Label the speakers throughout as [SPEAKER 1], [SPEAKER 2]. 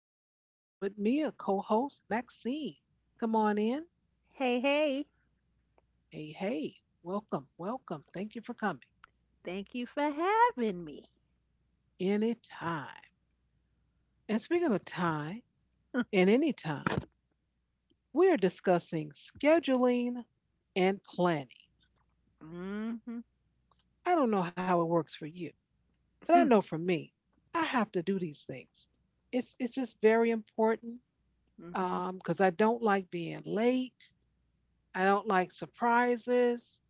[SPEAKER 1] tonight I have with me a co host, Maxine. Come on in.
[SPEAKER 2] Hey, hey,
[SPEAKER 1] Hey, hey, welcome, welcome. Thank you for coming.
[SPEAKER 2] thank you for having me.
[SPEAKER 1] Anytime. And speaking of time and anytime, we are discussing scheduling and planning.
[SPEAKER 2] Mm-hmm.
[SPEAKER 1] I don't know how it works for you, but I know for me, I have to do these things. It's just very important
[SPEAKER 2] Mm-hmm.
[SPEAKER 1] because I don't like being late. I don't like surprises.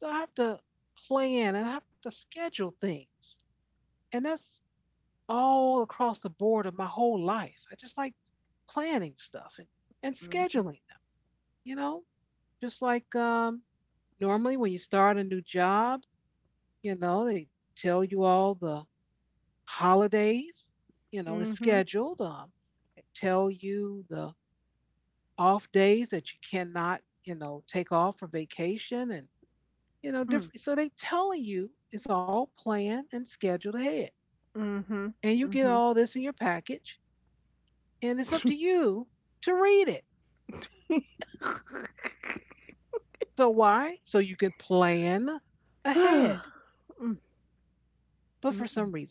[SPEAKER 1] So I have to plan and I have to schedule things. And that's all across the board of my whole life. I just like planning stuff and
[SPEAKER 2] Mm-hmm.
[SPEAKER 1] scheduling them, you know? Just like normally when you start a new job, they tell you all the holidays, is
[SPEAKER 2] Mm-hmm.
[SPEAKER 1] scheduled. They tell you the off days that you cannot take off for vacation and
[SPEAKER 2] Mm-hmm. Mm-hmm.
[SPEAKER 1] different. So they tell you it's all planned and scheduled ahead, and you get all this in your package, and it's up to you to read it. So why? So you can plan
[SPEAKER 2] Mm,
[SPEAKER 1] ahead.
[SPEAKER 2] mm,
[SPEAKER 1] But for
[SPEAKER 2] mm.
[SPEAKER 1] some reason,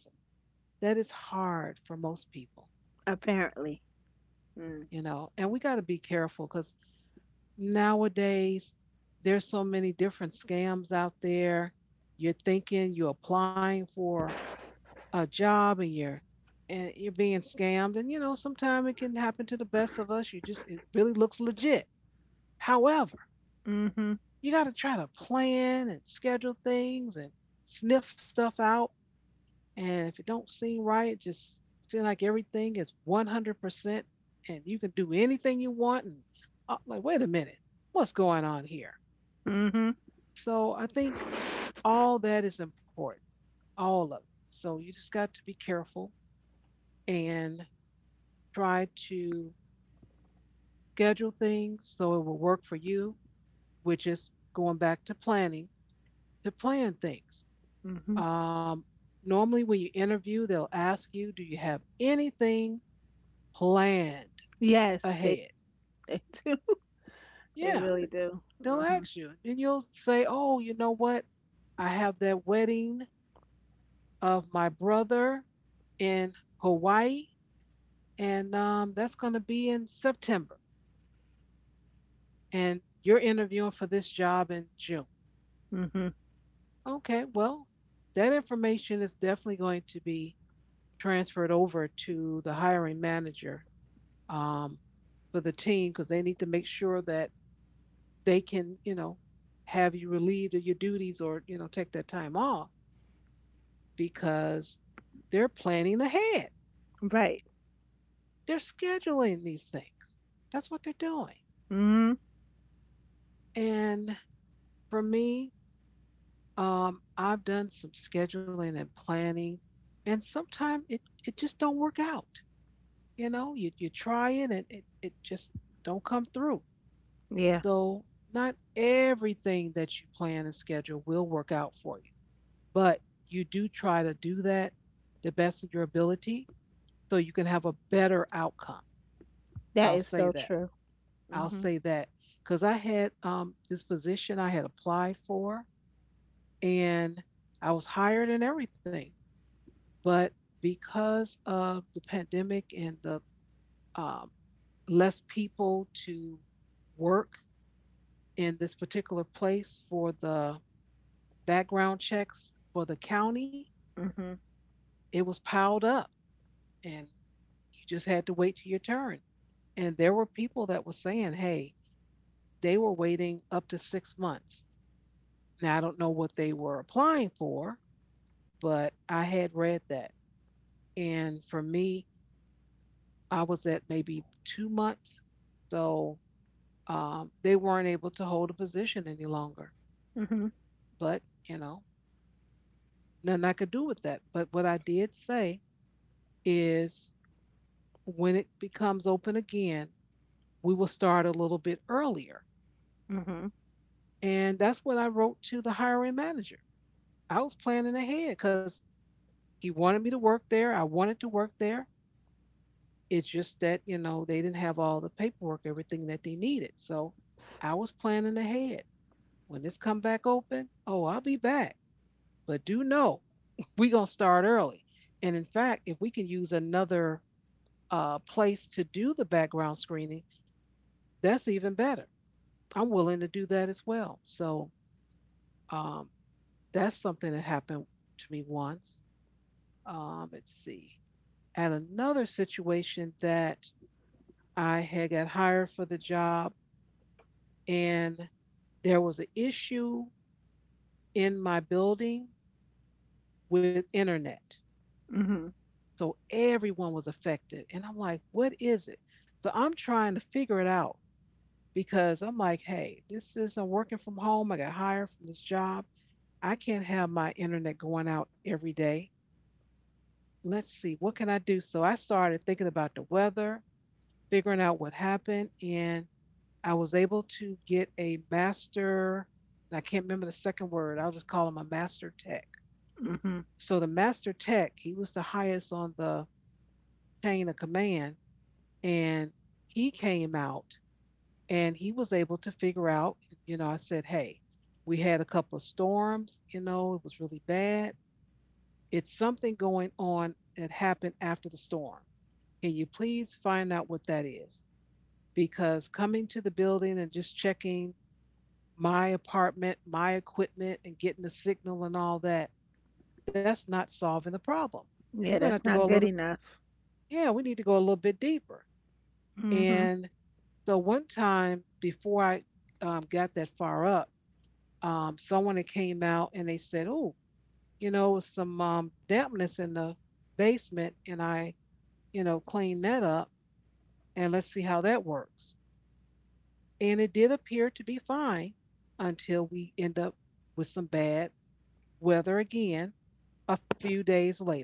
[SPEAKER 1] that is hard for most people,
[SPEAKER 2] Apparently. Mm.
[SPEAKER 1] you know, and we got to be careful because nowadays there's so many different scams out there. You're thinking you're applying for a job and you're being scammed, and sometimes it can happen to the best of us. You just, it really looks legit. However,
[SPEAKER 2] Hmm.
[SPEAKER 1] you got to try to plan and schedule things and sniff stuff out. And if it don't seem right, it just seems like everything is 100% and you can do anything you want. And like, wait a minute, what's going on here?
[SPEAKER 2] Mm-hmm.
[SPEAKER 1] So I think all that is important, all of it. So you just got to be careful and try to schedule things so it will work for you, which is going back to planning, to plan things.
[SPEAKER 2] Mm-hmm.
[SPEAKER 1] Um, Normally, when you interview, they'll ask you, do you have anything planned
[SPEAKER 2] Yes, they
[SPEAKER 1] ahead?
[SPEAKER 2] they do. They
[SPEAKER 1] Yeah,
[SPEAKER 2] really do.
[SPEAKER 1] they'll
[SPEAKER 2] Mm-hmm.
[SPEAKER 1] ask you, and you'll say, oh, you know what? I have that wedding of my brother in Hawaii, and that's going to be in September. And you're interviewing for this job in June.
[SPEAKER 2] Mm-hmm.
[SPEAKER 1] Okay, well, that information is definitely going to be transferred over to the hiring manager um, for the team because they need to make sure that they can, you know, have you relieved of your duties, or, you know, take that time off because they're planning ahead.
[SPEAKER 2] Right.
[SPEAKER 1] They're scheduling these things. That's what they're doing.
[SPEAKER 2] Mm-hmm.
[SPEAKER 1] And for me, I've done some scheduling and planning, and sometimes it just don't work out. You know, you try it and it just don't come through.
[SPEAKER 2] Yeah,
[SPEAKER 1] So not everything that you plan and schedule will work out for you, but you do try to do that the best of your ability so you can have a better outcome.
[SPEAKER 2] that
[SPEAKER 1] I'll
[SPEAKER 2] is
[SPEAKER 1] say
[SPEAKER 2] so
[SPEAKER 1] that.
[SPEAKER 2] true.
[SPEAKER 1] I'll
[SPEAKER 2] Mm-hmm.
[SPEAKER 1] say that because I had this position I had applied for, and I was hired and everything, but because of the pandemic and the um, less people to work in this particular place for the background checks for the county,
[SPEAKER 2] Mm-hmm.
[SPEAKER 1] it was piled up, and you just had to wait till your turn. And there were people that were saying, hey, they were waiting up to 6 months. Now, I don't know what they were applying for, but I had read that. And for me, I was at maybe 2 months. So they weren't able to hold a position any longer.
[SPEAKER 2] Mm-hmm.
[SPEAKER 1] But, you know, nothing I could do with that. But what I did say is when it becomes open again, we will start a little bit earlier.
[SPEAKER 2] Mm-hmm.
[SPEAKER 1] And that's what I wrote to the hiring manager. I was planning ahead because he wanted me to work there. I wanted to work there. It's just that, you know, they didn't have all the paperwork, everything that they needed. So I was planning ahead. When this come back open, oh, I'll be back. But do know, we going to start early. And in fact, if we can use another place to do the background screening, that's even better. I'm willing to do that as well. So um, that's something that happened to me once. Let's see. At another situation that I had got hired for the job, and there was an issue in my building with internet.
[SPEAKER 2] Mm-hmm.
[SPEAKER 1] So everyone was affected. And I'm like, what is it? So I'm trying to figure it out because I'm like, hey, this is, I'm working from home. I got hired from this job. I can't have my internet going out every day. Let's see, what can I do? So I started thinking about the weather, figuring out what happened, and I was able to get a master, and I can't remember the second word, I'll just call him a master tech.
[SPEAKER 2] Hmm.
[SPEAKER 1] So the master tech, he was the highest on the chain of command, and he came out and he was able to figure out, you know, I said, hey, we had a couple of storms, you know, it was really bad. It's something going on that happened after the storm. Can you please find out what that is? Because coming to the building and just checking my apartment, my equipment, and getting the signal and all that, that's not solving the problem. We're
[SPEAKER 2] Yeah,
[SPEAKER 1] going to have
[SPEAKER 2] that's
[SPEAKER 1] to go a
[SPEAKER 2] not good
[SPEAKER 1] little,
[SPEAKER 2] enough.
[SPEAKER 1] yeah, we need to go a little bit deeper.
[SPEAKER 2] Mm-hmm.
[SPEAKER 1] And so one time before I got that far up, someone had came out and they said, oh, you know, some dampness in the basement, and I, you know, cleaned that up, and let's see how that works. And it did appear to be fine until we end up with some bad weather again a few days later.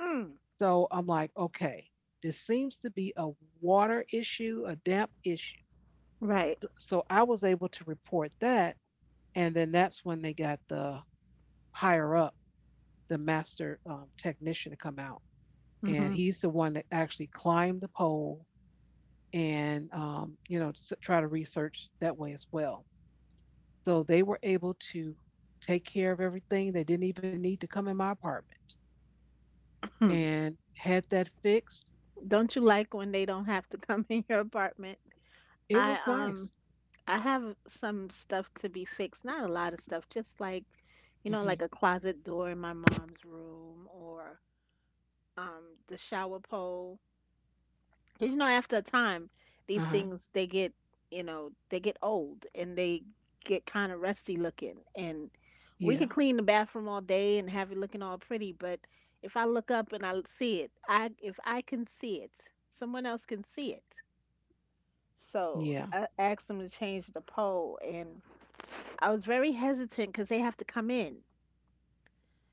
[SPEAKER 2] Mm.
[SPEAKER 1] So I'm like, okay, this seems to be a water issue, a damp issue.
[SPEAKER 2] Right.
[SPEAKER 1] So I was able to report that. And then that's when they got the higher up, the master technician to come out. And
[SPEAKER 2] Mhm.
[SPEAKER 1] he's the one that actually climbed the pole and, you know, try to research that way as well. So they were able to take care of everything. They didn't even need to come in my apartment
[SPEAKER 2] Hmm.
[SPEAKER 1] and had that fixed.
[SPEAKER 2] Don't you like when they don't have to come in your apartment?
[SPEAKER 1] It
[SPEAKER 2] I
[SPEAKER 1] was
[SPEAKER 2] um
[SPEAKER 1] nice.
[SPEAKER 2] I have some stuff to be fixed. Not a lot of stuff, just like, you know, like
[SPEAKER 1] Hmm.
[SPEAKER 2] a closet door in my mom's room or the shower pole. Because, you know, after a time, these
[SPEAKER 1] Uh-huh.
[SPEAKER 2] things they get, you know, they get old and they get kind of rusty looking. And we could
[SPEAKER 1] Yeah.
[SPEAKER 2] clean the bathroom all day and have it looking all pretty, but if I look up and I see it, I if I can see it, someone else can see it. So
[SPEAKER 1] Yeah.
[SPEAKER 2] I asked them to change the pole, and I was very hesitant because they have to come in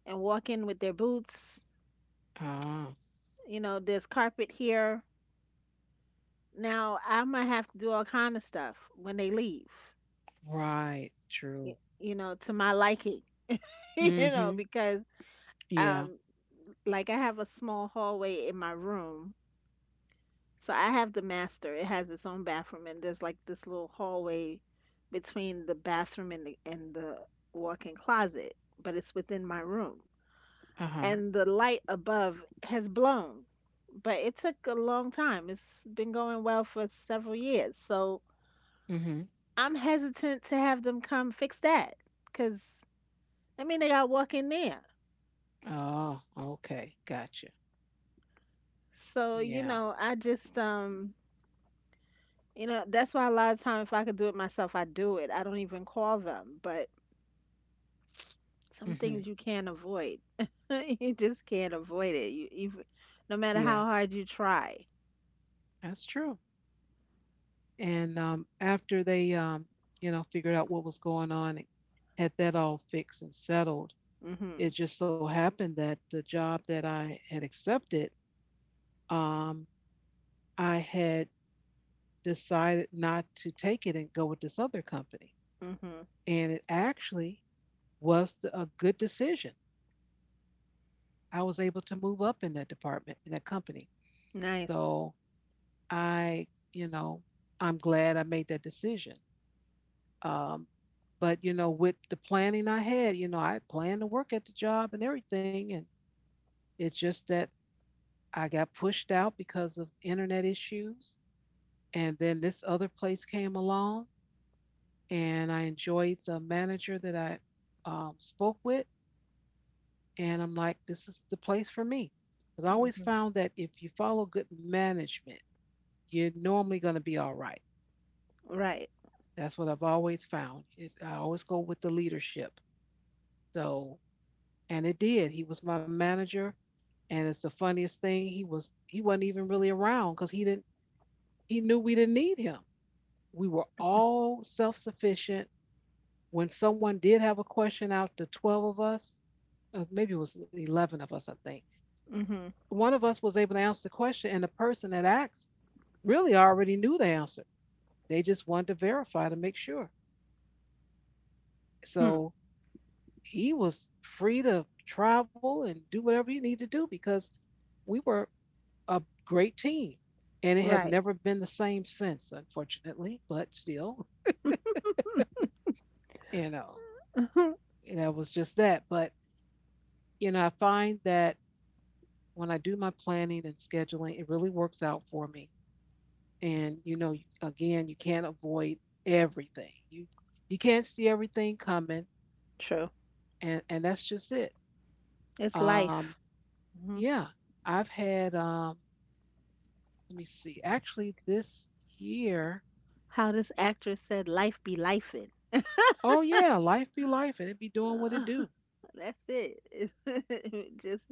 [SPEAKER 2] and walk in with their boots.
[SPEAKER 1] Ah,
[SPEAKER 2] You know, there's carpet here. Now I'm gonna have to do all kind of stuff when they leave,
[SPEAKER 1] right. True.
[SPEAKER 2] to my liking, you know,
[SPEAKER 1] Mm-hmm.
[SPEAKER 2] because
[SPEAKER 1] Yeah.
[SPEAKER 2] um like I have a small hallway in my room. So I have the master. It has its own bathroom and there's like this little hallway between the bathroom and the walk-in closet, but it's within my room.
[SPEAKER 1] Uh-huh.
[SPEAKER 2] And the light above has blown. But it took a long time. It's been going well for several years. So
[SPEAKER 1] Mm-hmm.
[SPEAKER 2] I'm hesitant to have them come fix that, because I mean they got to walk in there.
[SPEAKER 1] Oh, okay. Gotcha.
[SPEAKER 2] So, you
[SPEAKER 1] Yeah.
[SPEAKER 2] know, I just, you know, that's why a lot of time if I could do it myself, I do it. I don't even call them, but some
[SPEAKER 1] Mm-hmm.
[SPEAKER 2] things you can't avoid. You just can't avoid it. You even no matter how
[SPEAKER 1] Yeah.
[SPEAKER 2] hard you try.
[SPEAKER 1] That's true. And after they you know, figured out what was going on, and had that all fixed and settled,
[SPEAKER 2] Mhm.
[SPEAKER 1] it just so happened that the job that I had accepted, um, I had decided not to take it and go with this other company.
[SPEAKER 2] Mhm.
[SPEAKER 1] And it actually was a good decision. I was able to move up in that department, in that company.
[SPEAKER 2] Nice.
[SPEAKER 1] So I, you know, I'm glad I made that decision. Um, but, you know, with the planning I had, you know, I planned to work at the job and everything. And it's just that I got pushed out because of internet issues. And then this other place came along, and I enjoyed the manager that I spoke with. And I'm like, this is the place for me. Because I always
[SPEAKER 2] Mhm.
[SPEAKER 1] found that if you follow good management, you're normally going to be all right.
[SPEAKER 2] Right.
[SPEAKER 1] That's what I've always found. Is I always go with the leadership. So, and it did. He was my manager, and it's the funniest thing. He wasn't even really around because he knew we didn't need him. We were all self sufficient. When someone did have a question, out the 12 of us, maybe it was 11 of us, I think,
[SPEAKER 2] Mhm.
[SPEAKER 1] one of us was able to answer the question, and the person that asked really already knew the answer. They just wanted to verify to make sure.
[SPEAKER 2] Hmm.
[SPEAKER 1] So he was free to travel and do whatever he needed to do because we were a great team. And it had
[SPEAKER 2] Right.
[SPEAKER 1] never been the same since, unfortunately, but still,
[SPEAKER 2] Hmm.
[SPEAKER 1] you know, that was just that. But, you know, I find that when I do my planning and scheduling, it really works out for me. And you know, again, you can't avoid everything. You can't see everything coming,
[SPEAKER 2] True.
[SPEAKER 1] and that's just it.
[SPEAKER 2] It's
[SPEAKER 1] Um,
[SPEAKER 2] life. Mhm.
[SPEAKER 1] yeah, I've had. Let me see. Actually, this year.
[SPEAKER 2] How this actress said life be lifin'.
[SPEAKER 1] Oh yeah, life be life, and it be doing what it
[SPEAKER 2] Uh,
[SPEAKER 1] do.
[SPEAKER 2] that's it. Just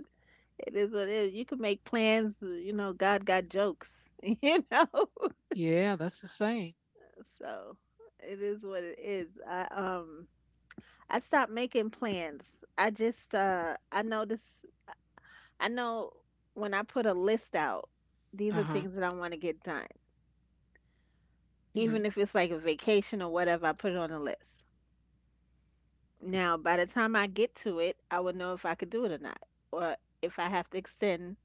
[SPEAKER 2] it is what it is. You can make plans, you know, God got jokes, you know.
[SPEAKER 1] Yeah, that's the same.
[SPEAKER 2] So it is what it is. I stopped making plans. I just. I know when I put a list out, these
[SPEAKER 1] Uh
[SPEAKER 2] are
[SPEAKER 1] huh.
[SPEAKER 2] things that I want to get done. Even
[SPEAKER 1] Hmm.
[SPEAKER 2] if it's like a vacation or whatever, I put it on the list. Now, by the time I get to it, I will know if I could do it or not, or if I have to extend,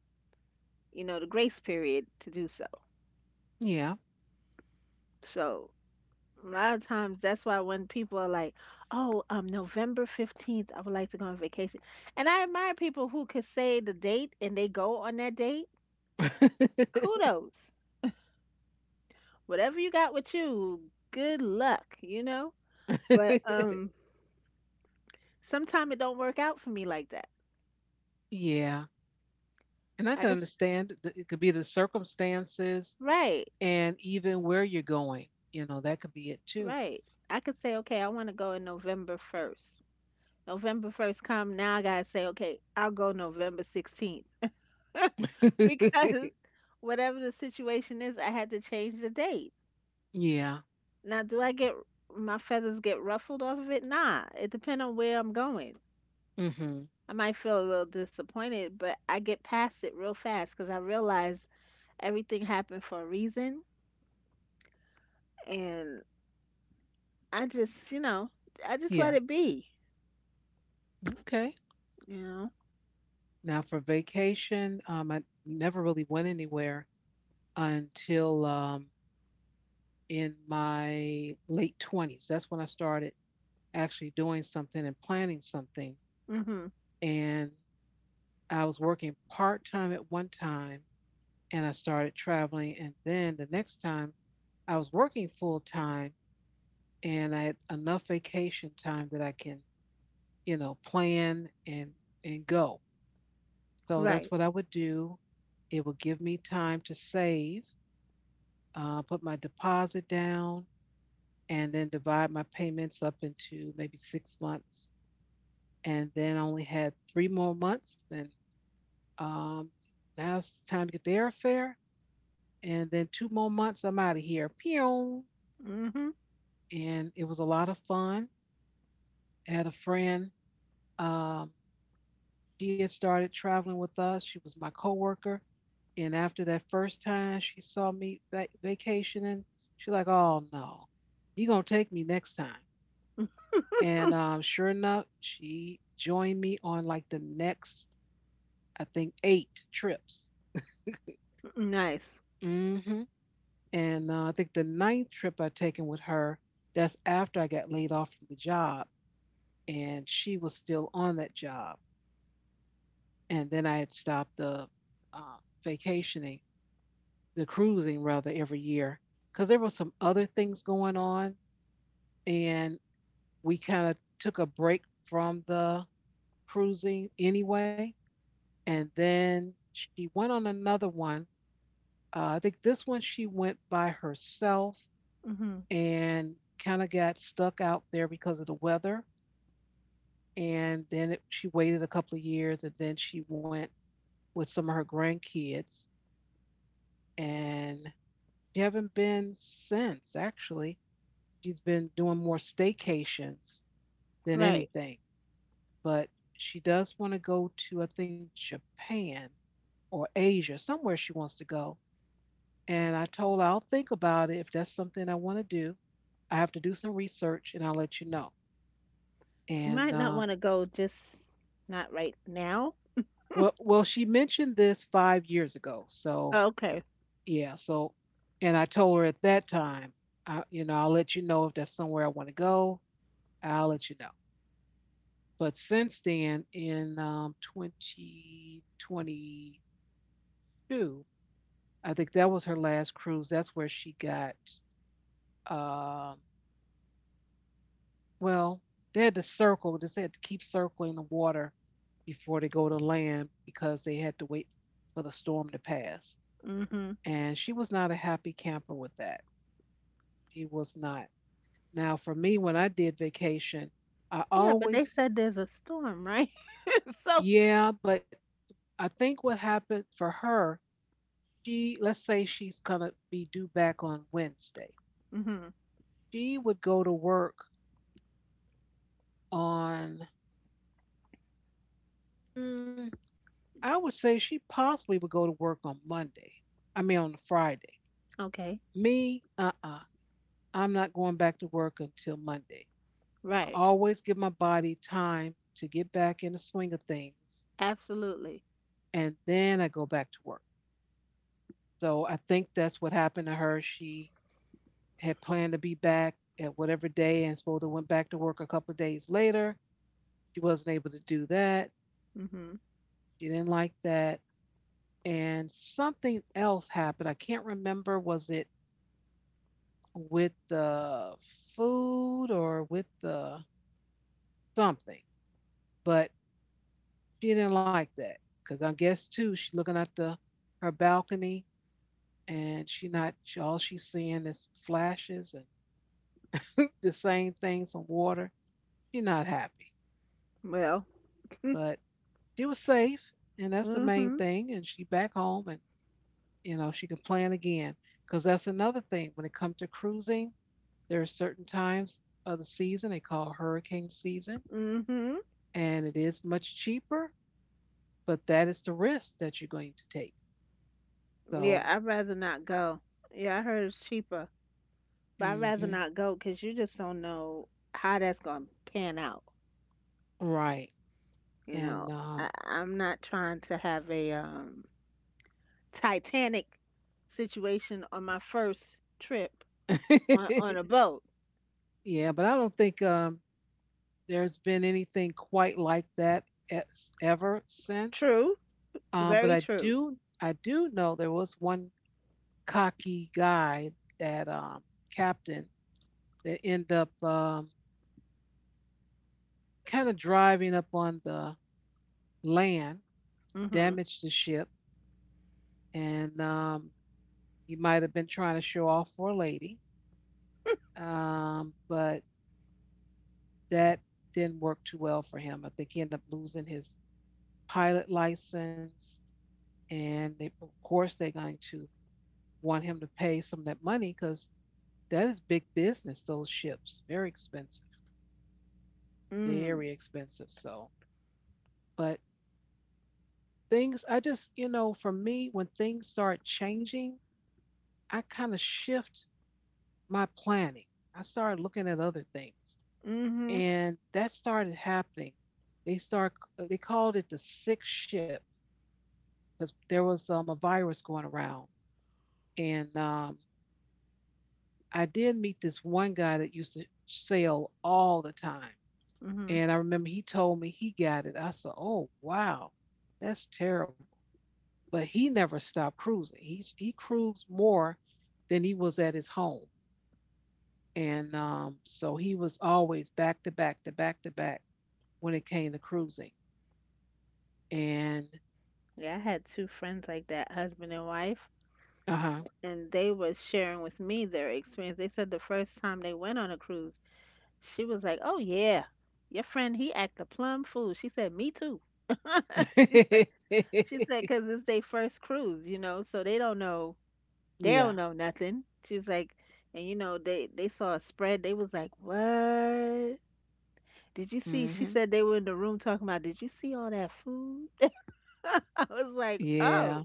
[SPEAKER 2] you know, the grace period to do so.
[SPEAKER 1] Yeah.
[SPEAKER 2] So a lot of times that's why when people are like, "Oh, November 15th, I would like to go on vacation." And I admire people who could say the date and they go on that date. Kudos. Whatever you got with you, good luck, you know? But sometimes it don't work out for me like that.
[SPEAKER 1] Yeah. And I can
[SPEAKER 2] I can s-
[SPEAKER 1] understand that it could be the circumstances,
[SPEAKER 2] right,
[SPEAKER 1] and even where you're going, you know, that could be it too.
[SPEAKER 2] right. I could say, "Okay, I want to go in November 1st." November 1st come, now I got to say, "Okay, I'll go November 16th." Because whatever the situation is, I had to change the date.
[SPEAKER 1] Yeah.
[SPEAKER 2] Now, do I get, my feathers get ruffled off of it? Nah, it depends on where I'm going.
[SPEAKER 1] Hmm.
[SPEAKER 2] I might feel a little disappointed, but I get past it real fast because I realize everything happened for a reason, and I just, you know, I just let it
[SPEAKER 1] Yeah.
[SPEAKER 2] be,
[SPEAKER 1] Okay.
[SPEAKER 2] you know.
[SPEAKER 1] Now for vacation, I never really went anywhere until in my late 20s. That's when I started actually doing something and planning something.
[SPEAKER 2] Mhm.
[SPEAKER 1] And I was working part time at one time and I started traveling. And then the next time I was working full time and I had enough vacation time that I can plan and go. So that's what I
[SPEAKER 2] Right.
[SPEAKER 1] would do. It would give me time to save, put my deposit down, and then divide my payments up into maybe 6 months. And then I only had three more months, and um, now it's time to get the airfare. And then two more months, I'm out of here. Pew!
[SPEAKER 2] Mhm.
[SPEAKER 1] And it was a lot of fun. I had a friend. Um, she had started traveling with us. She was my coworker. And after that first time she saw me vacationing, she like, "Oh no, you gonna take me next time." And sure enough, she joined me on like the next, I think, 8 trips.
[SPEAKER 2] Nice.
[SPEAKER 1] Hmm. And I think the ninth trip I taken with her, that's after I got laid off from the job, and she was still on that job. And then I had stopped the uh, vacationing, the cruising rather, every year because there were some other things going on and we kind of took a break from the cruising anyway. And then she went on another one. I think this one she went by herself
[SPEAKER 2] Mhm.
[SPEAKER 1] and kind of got stuck out there because of the weather. And then she waited a couple of years and then she went with some of her grandkids. And she haven't been since, actually. She's been doing more staycations than
[SPEAKER 2] Right.
[SPEAKER 1] anything. But she does want to go to, I think, Japan or Asia, somewhere she wants to go. And I told her I'll think about it if that's something I want to do. I have to do some research and I'll let you know.
[SPEAKER 2] She might
[SPEAKER 1] And
[SPEAKER 2] not want to go just not right now.
[SPEAKER 1] well, she mentioned this 5 years ago, so
[SPEAKER 2] Oh, okay.
[SPEAKER 1] yeah, so and I told her at that time, you know, I'll let you know if that's somewhere I want to go. I'll let you know. But since then, in 2022, I think that was her last cruise. That's where she got. Uh, well, they had to circle. They had to keep circling the water before they go to land because they had to wait for the storm to pass.
[SPEAKER 2] Mm-hmm.
[SPEAKER 1] And she was not a happy camper with that. She was not. Now, for me, when I did vacation, I
[SPEAKER 2] Yeah, but they
[SPEAKER 1] always,
[SPEAKER 2] said there's a storm, right? So,
[SPEAKER 1] yeah, but I think what happened for her, she, let's say she's going to be due back on Wednesday.
[SPEAKER 2] hmm,
[SPEAKER 1] She would go to work on mm, I would say she possibly would go to work on Monday. I mean, on Friday.
[SPEAKER 2] okay.
[SPEAKER 1] Me, I am not going back to work until Monday. I
[SPEAKER 2] Right.
[SPEAKER 1] always give my body time to get back in the swing of things,
[SPEAKER 2] Absolutely.
[SPEAKER 1] and then I go back to work. So I think that's what happened to her. She had planned to be back at whatever day and supposed to went back to work a couple of days later. She wasn't able to do that.
[SPEAKER 2] Mhm.
[SPEAKER 1] She didn't like that. And something else happened. I can't remember. Was it with the food or with the something, but she didn't like that because I guess too she's looking out the her balcony and she not she, all she's seeing is flashes and the same things on water. She's not happy,
[SPEAKER 2] Well,
[SPEAKER 1] but she was safe and that's the main
[SPEAKER 2] mhm.
[SPEAKER 1] thing. And she back home and you know she can plan again because that's another thing when it comes to cruising. There are certain times of the season they call hurricane season
[SPEAKER 2] Mhm.
[SPEAKER 1] and it is much cheaper, but that is the risk that you're going to take.
[SPEAKER 2] Yeah,
[SPEAKER 1] So,
[SPEAKER 2] I'd rather not go. Yeah, I heard it's cheaper, but I'd rather
[SPEAKER 1] hmm,
[SPEAKER 2] not go cuz you just don't know how that's going to pan out,
[SPEAKER 1] right.
[SPEAKER 2] you know.
[SPEAKER 1] And
[SPEAKER 2] I I'm not trying to have a, Titanic situation on my first trip on a boat.
[SPEAKER 1] yeah, but I don't think there's been anything quite like that ever since.
[SPEAKER 2] True.
[SPEAKER 1] But I
[SPEAKER 2] Very true.
[SPEAKER 1] do I do know there was one cocky guy that captain that ended up kind of driving up on the land,
[SPEAKER 2] Mhm.
[SPEAKER 1] damaged the ship and you might have been trying to show off for a lady, but that didn't work too well for him. I think he ended up losing his pilot license, and they, of course they're going to want him to pay some of that money because that is big business. Those ships, very expensive,
[SPEAKER 2] Mm.
[SPEAKER 1] very expensive. So, but things, you know, for me, when things start changing, I kind of shift my planning. I started looking at other things.
[SPEAKER 2] Hmm. Mm-hmm.
[SPEAKER 1] And that started happening. They called it the sixth ship because there was a virus going around, and I did meet this one guy that used to sail all the time,
[SPEAKER 2] Hmm.
[SPEAKER 1] and I remember he told me he got it. I said, "Oh wow, that's terrible," but he never stopped cruising. He cruised more than he was at his home, and so he was always back to back to back to back when it came to cruising, and
[SPEAKER 2] Yeah, I had two friends like that, husband and wife,
[SPEAKER 1] uh huh.
[SPEAKER 2] and they was sharing with me their experience. They said the first time they went on a cruise, she was like, "Oh yeah, your friend he act a plum fool." She said, "Me too." She said, she said, because it's their first cruise, you know, so they
[SPEAKER 1] Yeah.
[SPEAKER 2] don't know nothing. She was like, and you know, they saw a spread. They was like, "What? Did you see?" She
[SPEAKER 1] Hmm.
[SPEAKER 2] said they were in the room talking about, "Did you see all that food?" I was like,
[SPEAKER 1] Yeah.
[SPEAKER 2] "Oh."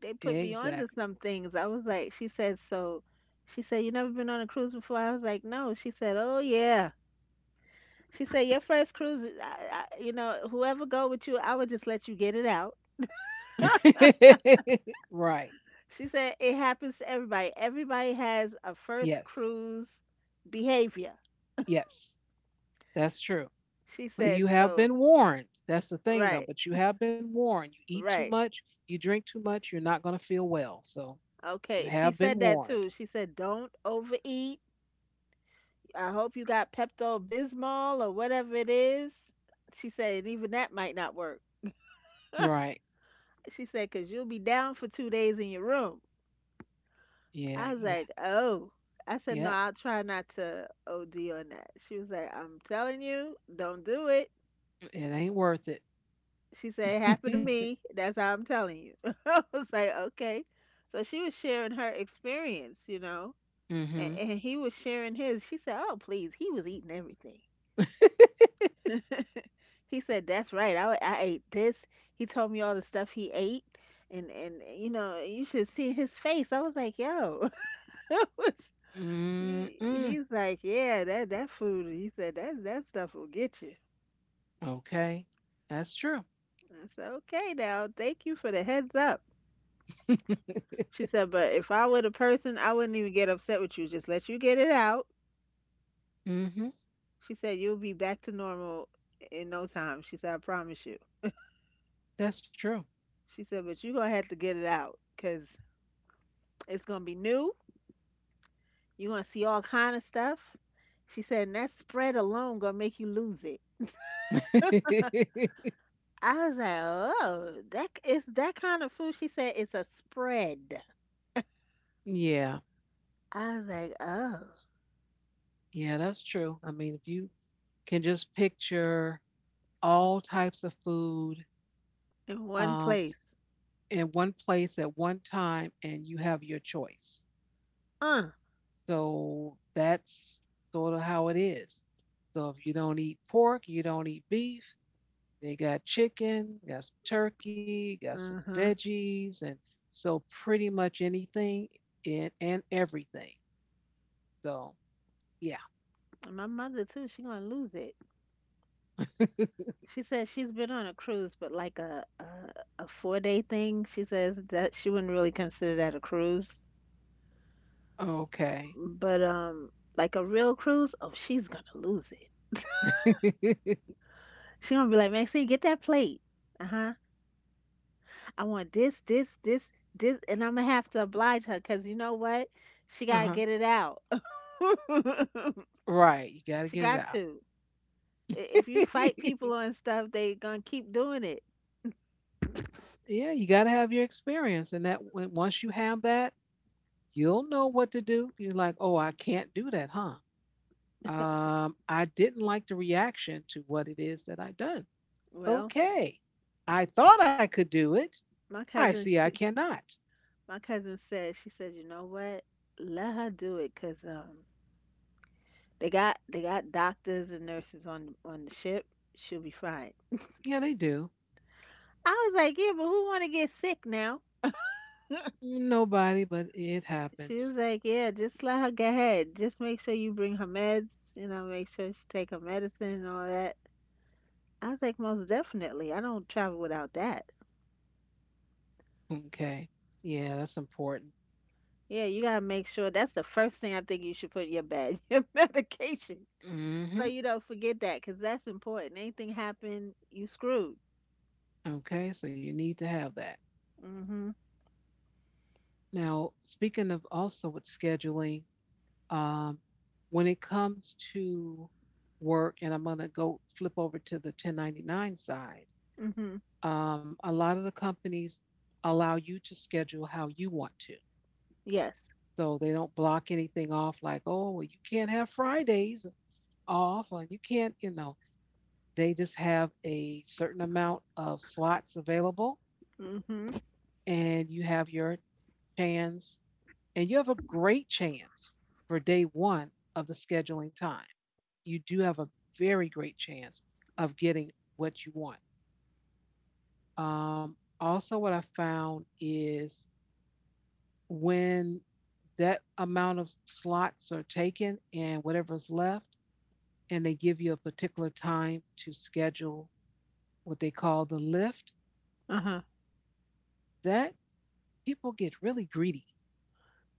[SPEAKER 2] They put me on to
[SPEAKER 1] Exactly.
[SPEAKER 2] some things. I was like, she said, so she said, you never been on a cruise before? I was like, no. She said, oh yeah. She said, your first cruise, you know, whoever go with you, I would just let you get it out.
[SPEAKER 1] Right.
[SPEAKER 2] She said, it happens to everybody. Everybody has a first
[SPEAKER 1] Yes.
[SPEAKER 2] cruise behavior.
[SPEAKER 1] Yes. That's true.
[SPEAKER 2] She
[SPEAKER 1] But you
[SPEAKER 2] said,
[SPEAKER 1] have
[SPEAKER 2] so,
[SPEAKER 1] been warned. That's the thing, though.
[SPEAKER 2] right,
[SPEAKER 1] But you have been warned. You eat too
[SPEAKER 2] right.
[SPEAKER 1] much, you drink too much, you're not going to feel well. So you
[SPEAKER 2] Okay. She
[SPEAKER 1] have been
[SPEAKER 2] said that
[SPEAKER 1] warned.
[SPEAKER 2] too. She said, don't overeat. I hope you got Pepto Bismol or whatever it is. She said, and even that might not work.
[SPEAKER 1] Right.
[SPEAKER 2] She said, "Cause you'll be down for 2 days in your room."
[SPEAKER 1] Yeah.
[SPEAKER 2] I was
[SPEAKER 1] You.
[SPEAKER 2] like, "Oh." I said, "No,
[SPEAKER 1] Yeah.
[SPEAKER 2] I'll try not to OD on that." She was like, "I'm telling you, don't do it."
[SPEAKER 1] It ain't worth it.
[SPEAKER 2] She said, "It happened to me. That's how I'm telling you." I was like, "Okay." So she was sharing her experience, you know,
[SPEAKER 1] Mm-hmm.
[SPEAKER 2] and he was sharing his. She said, "Oh, please, he was eating everything." He said, "That's right. I ate this." He told me all the stuff he ate, and you know, you should see his face. I was like, "Yo," it was. He,
[SPEAKER 1] Mm-mm.
[SPEAKER 2] he's like, yeah, that that food. He said that that stuff will get you.
[SPEAKER 1] Okay. That's true.
[SPEAKER 2] I said, okay, now thank you for the heads up. She said, but if I were the person, I wouldn't even get upset with you. Just let you get it out.
[SPEAKER 1] Mm-hmm.
[SPEAKER 2] She said, you'll be back to normal in no time. She said, I promise you.
[SPEAKER 1] That's true.
[SPEAKER 2] She said, but you're gonna have to get it out because it's gonna be new. You're gonna see all kind of stuff. She said, and that spread alone gonna make you lose it. I was like, oh, that it's that kind of food. She said, it's a spread.
[SPEAKER 1] Yeah,
[SPEAKER 2] I was like, oh,
[SPEAKER 1] yeah, that's true. I mean, if you can just picture all types of food,
[SPEAKER 2] in one
[SPEAKER 1] um,
[SPEAKER 2] place.
[SPEAKER 1] in one place at one time and you have your choice.
[SPEAKER 2] Uh,
[SPEAKER 1] So that's sort of how it is. So if you don't eat pork, you don't eat beef, they got chicken, got some turkey, got some
[SPEAKER 2] mm-hmm.
[SPEAKER 1] veggies, and so pretty much anything and everything. So yeah,
[SPEAKER 2] And my mother too, she gonna lose it. She says she's been on a cruise, but like a 4-day thing. She says that she wouldn't really consider that a cruise,
[SPEAKER 1] okay.
[SPEAKER 2] but like a real cruise, oh, she's gonna lose it. She gonna be like, Maxine, get that plate. Uh huh. I want this, this, this, this, and I'm gonna have to oblige her because, you know what? She gotta
[SPEAKER 1] Uh-huh.
[SPEAKER 2] get it out.
[SPEAKER 1] Right. You got to
[SPEAKER 2] She
[SPEAKER 1] get it
[SPEAKER 2] got
[SPEAKER 1] out.
[SPEAKER 2] to. If you fight people and stuff, they gonna keep doing it.
[SPEAKER 1] Yeah, you got to have your experience. And that when, once you have that, you'll know what to do. You're like, oh, I can't do that, huh?
[SPEAKER 2] S-
[SPEAKER 1] I didn't like the reaction to what it is that I've done.
[SPEAKER 2] Well,
[SPEAKER 1] Okay. I thought I could do it.
[SPEAKER 2] my
[SPEAKER 1] I see
[SPEAKER 2] cousin,
[SPEAKER 1] I
[SPEAKER 2] she,
[SPEAKER 1] cannot.
[SPEAKER 2] my cousin said, she said, you know what? Let her do it, cause they got doctors and nurses on the ship. She'll be fine.
[SPEAKER 1] Yeah, they do.
[SPEAKER 2] I was like, yeah, but who want to get sick now?
[SPEAKER 1] Nobody, but it
[SPEAKER 2] She was
[SPEAKER 1] happens.
[SPEAKER 2] like, yeah, just let her go ahead. Just make sure you bring her meds. You know, make sure she take her medicine and all that. I was like, most definitely. I don't travel without that.
[SPEAKER 1] Okay. Yeah, that's important.
[SPEAKER 2] Yeah, you gotta make sure that's the first thing I think you should put in your bag, your medication, so
[SPEAKER 1] Hmm.
[SPEAKER 2] you don't forget that, 'cause that's important. Anything happen, you screwed.
[SPEAKER 1] Okay. So you need to have that.
[SPEAKER 2] Mhm.
[SPEAKER 1] Now, speaking of also with scheduling, Um, when it comes to work, and I'm going to go flip over to the 1099 side,
[SPEAKER 2] Mhm.
[SPEAKER 1] a lot of the companies allow you to schedule how you want to.
[SPEAKER 2] Yes.
[SPEAKER 1] So they don't block anything off like, oh, well, you can't have Fridays off, or you can't, you know, they just have a certain amount of slots available,
[SPEAKER 2] Mhm.
[SPEAKER 1] and you have your chance, and you have a great chance for day one of the scheduling time. You do have a very great chance of getting what you want. Also, what I found is when that amount of slots are taken and whatever's left, and they give you a particular time to schedule what they call the lift,
[SPEAKER 2] Uh huh.
[SPEAKER 1] that people get really greedy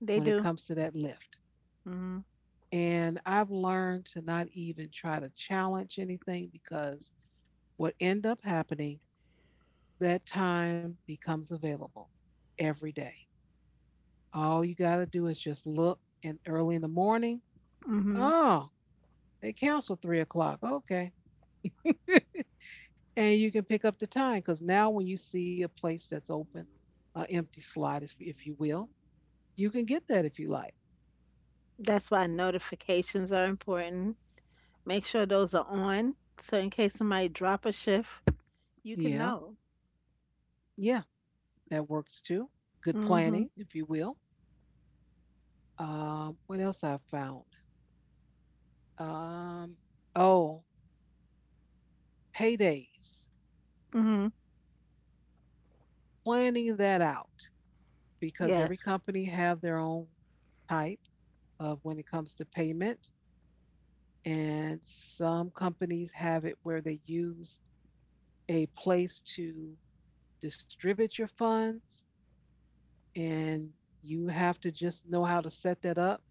[SPEAKER 2] They
[SPEAKER 1] when it
[SPEAKER 2] do.
[SPEAKER 1] comes to that lift.
[SPEAKER 2] Mhm.
[SPEAKER 1] And I've learned to not even try to challenge anything because what end up happening that time becomes available every day. All you got to do is just look and early in the morning,
[SPEAKER 2] Mhm.
[SPEAKER 1] oh, they canceled 3 o'clock. Okay. And you can pick up the time because now when you see a place that's open, an empty slot, if, you will, you can get that if you like.
[SPEAKER 2] That's why notifications are important. Make sure those are on, so in case somebody drop a shift, you can
[SPEAKER 1] Yeah.
[SPEAKER 2] know.
[SPEAKER 1] Yeah. That works too. Good planning,
[SPEAKER 2] Mhm.
[SPEAKER 1] if you will. What else I found? Um, oh, paydays.
[SPEAKER 2] Mhm.
[SPEAKER 1] Planning that out. Because
[SPEAKER 2] Yes.
[SPEAKER 1] every company have their own type of when it comes to payment and some companies have it where they use a place to distribute your funds and you have to just know how to set that up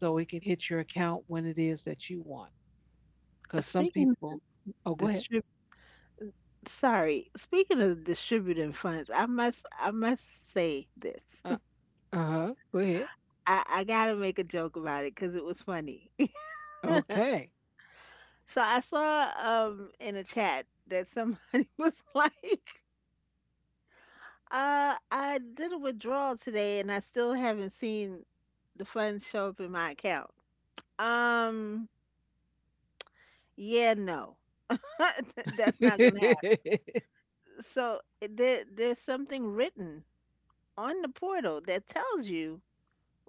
[SPEAKER 1] so it can hit your account when it is that you want because some
[SPEAKER 2] Speaking
[SPEAKER 1] people
[SPEAKER 2] of
[SPEAKER 1] oh go ahead
[SPEAKER 2] distributors. Sorry. Speaking of distributing funds, I must say this.
[SPEAKER 1] uh, go ahead
[SPEAKER 2] I gotta make a joke about it because it was funny.
[SPEAKER 1] okay
[SPEAKER 2] So I saw, in a chat that somebody was like, I did a withdrawal today and I still haven't seen the funds show up in my account. Um, yeah, no. That's not gonna happen. So, there's something written on the portal that tells you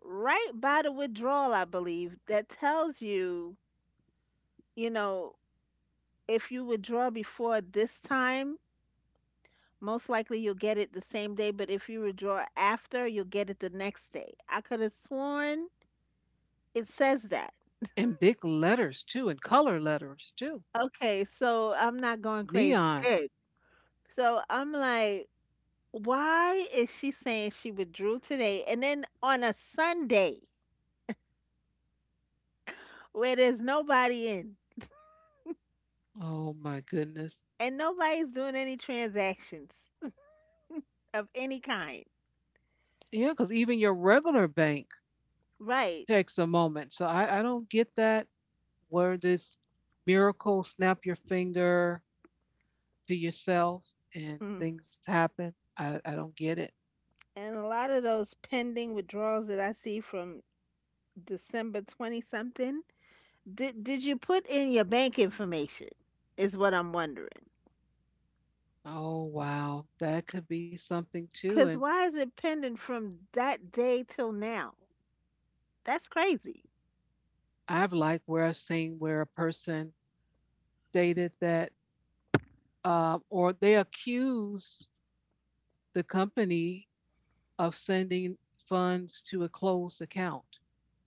[SPEAKER 2] right by the withdrawal, I believe, that tells you, you know, if you withdraw before this time, most likely you'll get it the same day, but if you withdraw after, you'll get it the next day. I could have sworn it says that.
[SPEAKER 1] and big letters too and color letters too
[SPEAKER 2] Okay, so I'm not going crazy.
[SPEAKER 1] neon.
[SPEAKER 2] Good. So I'm like, why is she saying she withdrew today and then on a Sunday where there's nobody in
[SPEAKER 1] Oh my goodness.
[SPEAKER 2] and nobody's doing any transactions of any kind?
[SPEAKER 1] Yeah, because even your regular bank
[SPEAKER 2] Right.
[SPEAKER 1] takes a moment. So I don't get that where this miracle snap your finger to yourself and
[SPEAKER 2] Mm.
[SPEAKER 1] things happen. I don't get it.
[SPEAKER 2] And a lot of those pending withdrawals that I see from December 20 something, did you put in your bank information? Is what I'm wondering.
[SPEAKER 1] Oh wow. That could be something too. And
[SPEAKER 2] Cuz why is it pending from that day till now? That's crazy.
[SPEAKER 1] I've liked where I've seen where a person stated that or they accused the company of sending funds to a closed account.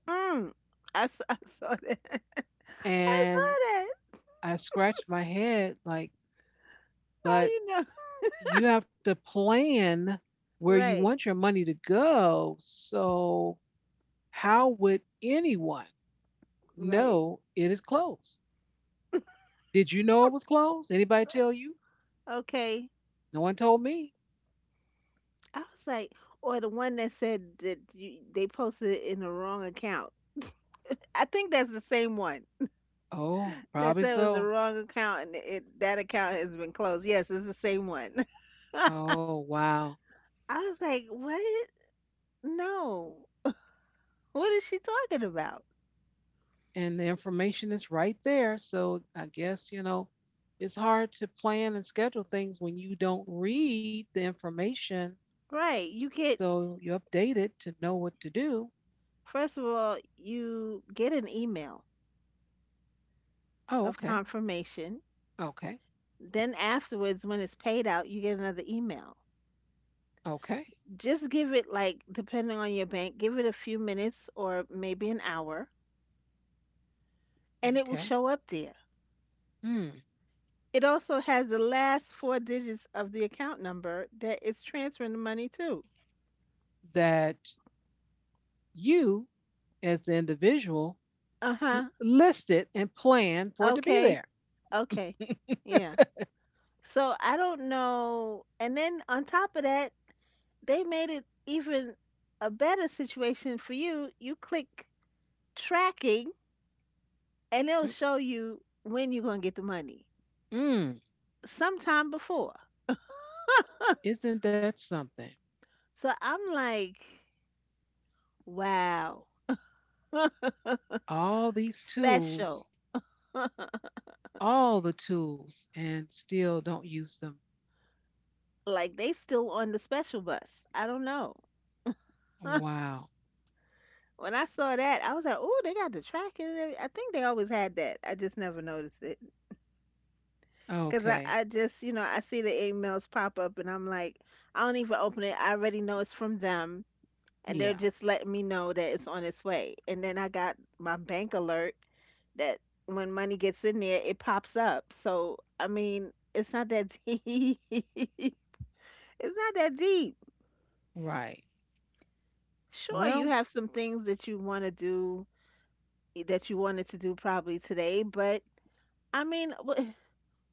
[SPEAKER 2] Mm. I saw, I saw that. I
[SPEAKER 1] And
[SPEAKER 2] saw that.
[SPEAKER 1] I scratched my head like,
[SPEAKER 2] How
[SPEAKER 1] but
[SPEAKER 2] you know?
[SPEAKER 1] you have to plan where you
[SPEAKER 2] Right.
[SPEAKER 1] want your money to go. So how would anyone
[SPEAKER 2] Right.
[SPEAKER 1] know it is closed? Did you know it was closed? Anybody tell you?
[SPEAKER 2] Okay.
[SPEAKER 1] No one told me.
[SPEAKER 2] I was like, or the one that said that you, they posted it in the wrong account. I think that's the same one.
[SPEAKER 1] Oh,
[SPEAKER 2] That
[SPEAKER 1] probably
[SPEAKER 2] said it was the
[SPEAKER 1] so.
[SPEAKER 2] wrong account, and it, that account has been closed. Yes, it's the same one.
[SPEAKER 1] Oh, wow.
[SPEAKER 2] I was like, what? No. What is she talking about?
[SPEAKER 1] And the information is right there. So I guess, you know, it's hard to plan and schedule things when you don't read the information
[SPEAKER 2] Right. You get,
[SPEAKER 1] so you update it to know what to do.
[SPEAKER 2] first of all, you get an email
[SPEAKER 1] Oh,
[SPEAKER 2] of
[SPEAKER 1] okay.
[SPEAKER 2] confirmation.
[SPEAKER 1] Okay.
[SPEAKER 2] Then afterwards, when it's paid out, you get another email.
[SPEAKER 1] Okay.
[SPEAKER 2] Just give it, like, depending on your bank, give it a few minutes or maybe an hour, and it will
[SPEAKER 1] Okay.
[SPEAKER 2] show up there.
[SPEAKER 1] Mm.
[SPEAKER 2] It also has the last four digits of the account number that it's transferring the money to.
[SPEAKER 1] That you, as the individual,
[SPEAKER 2] Uh-huh.
[SPEAKER 1] listed and planned for it to be
[SPEAKER 2] Okay.
[SPEAKER 1] there.
[SPEAKER 2] Okay. Yeah. So I don't know. And then on top of that, they made it even a better situation for you. You click tracking and it'll show you when you're going to get the money.
[SPEAKER 1] Mm-mm.
[SPEAKER 2] Sometime before.
[SPEAKER 1] Isn't that something?
[SPEAKER 2] So I'm like, wow.
[SPEAKER 1] All these
[SPEAKER 2] Special.
[SPEAKER 1] tools, all the tools, and still don't use them.
[SPEAKER 2] Like they still on the special bus. I don't know.
[SPEAKER 1] Wow.
[SPEAKER 2] When I saw that, I was like, "Oh, they got the tracking." And every- I think they always had that. I just never noticed it. Cause I,
[SPEAKER 1] Okay.
[SPEAKER 2] I just, you know, I see the emails pop up and I'm like, I don't even open it. I already know it's from them and they're
[SPEAKER 1] Yeah.
[SPEAKER 2] just letting me know that it's on its way. And then I got my bank alert that when money gets in there, it pops up. So, I mean, it's not that deep. It's not that deep.
[SPEAKER 1] Right.
[SPEAKER 2] Sure, you
[SPEAKER 1] Well,
[SPEAKER 2] have some things that you want to do that you wanted to do probably today, but I mean,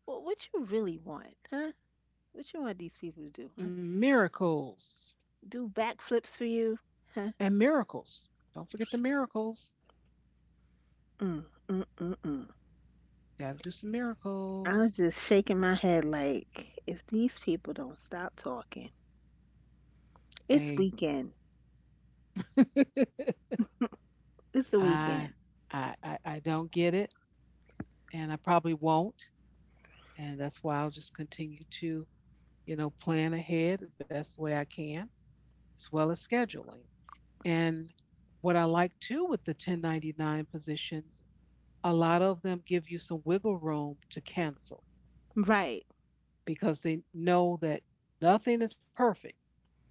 [SPEAKER 2] what you really want, huh? What you want these people to do, huh?
[SPEAKER 1] miracles
[SPEAKER 2] Do backflips for you. Huh?
[SPEAKER 1] and miracles. Don't forget the miracles.
[SPEAKER 2] Mm, mm, mm, mm.
[SPEAKER 1] Gotta do some
[SPEAKER 2] I was
[SPEAKER 1] miracles.
[SPEAKER 2] just shaking my head like, if these people don't stop talking, it's
[SPEAKER 1] Hey.
[SPEAKER 2] weekend. It's the
[SPEAKER 1] I,
[SPEAKER 2] weekend.
[SPEAKER 1] I don't get it, and I probably won't. And that's why I'll just continue to plan ahead the best way I can, as well as scheduling. And what I like too with the 1099 positions, a lot of them give you some wiggle room to cancel
[SPEAKER 2] Right.
[SPEAKER 1] because they know that nothing is perfect.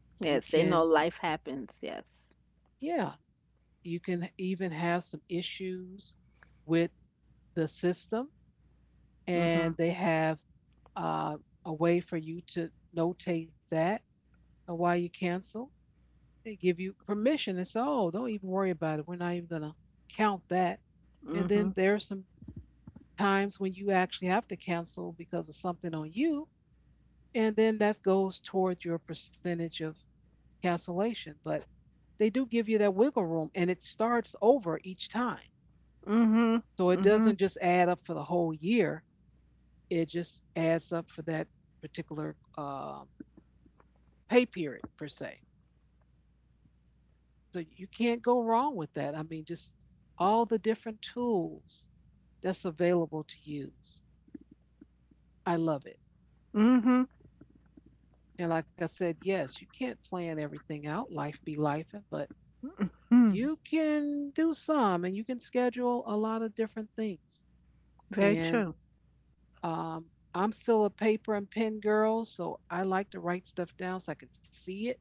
[SPEAKER 1] You
[SPEAKER 2] Yes, they
[SPEAKER 1] can,
[SPEAKER 2] know life happens. Yes.
[SPEAKER 1] yeah, you can even have some issues with the system
[SPEAKER 2] Mm-hmm.
[SPEAKER 1] and they have uh, a way for you to notate that of why you cancel. They give you permission and say, oh, don't even worry about it. We're not even going to count that. And then
[SPEAKER 2] Mm-hmm.
[SPEAKER 1] there are some times when you actually have to cancel because of something on you. And then that goes towards your percentage of cancellation. But they do give you that wiggle room and it starts over each time.
[SPEAKER 2] Mm-hmm.
[SPEAKER 1] So it
[SPEAKER 2] Mm-hmm.
[SPEAKER 1] doesn't just add up for the whole year, it just adds up for that particular pay period per se. So you can't go wrong with that. I mean, just all the different tools that's available to use. I love it.
[SPEAKER 2] Mm-hmm.
[SPEAKER 1] And like I said, yes, you can't plan everything out, life be life, but
[SPEAKER 2] Hmm.
[SPEAKER 1] you can do some and you can schedule a lot of different things.
[SPEAKER 2] Very
[SPEAKER 1] And
[SPEAKER 2] true.
[SPEAKER 1] um, I'm still a paper and pen girl, so I like to write stuff down so I could see it.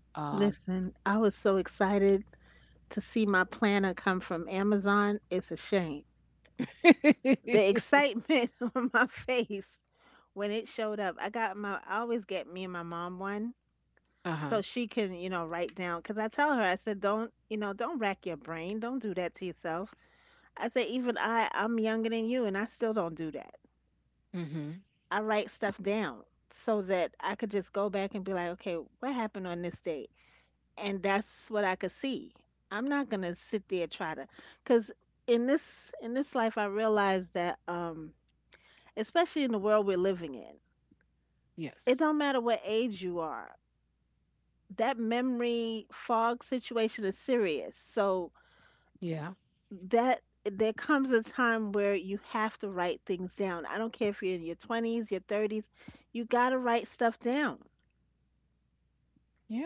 [SPEAKER 1] Um,
[SPEAKER 2] Listen, I was so excited to see my planner come from Amazon. It's a shame. The excitement on my face when it showed up. I got my— I always get me and my mom one
[SPEAKER 1] uh huh.
[SPEAKER 2] so she can, you know, write down, cuz I tell her, I said, don't, you know, don't rack your brain, don't do that to yourself. I said, even I'm younger than you and I still don't do that.
[SPEAKER 1] Hmm.
[SPEAKER 2] I write stuff down so that I could just go back and be like, okay, what happened on this date? And that's what I could see. I'm not going to sit there try to, cuz in this life I realized that especially in the world we're living in, it
[SPEAKER 1] Yes.
[SPEAKER 2] don't matter what age you are, that memory fog situation is serious. So
[SPEAKER 1] Yeah.
[SPEAKER 2] that there comes a time where you have to write things down. I don't care if you're in your 20s, your 30s, you got to write stuff down.
[SPEAKER 1] Yeah.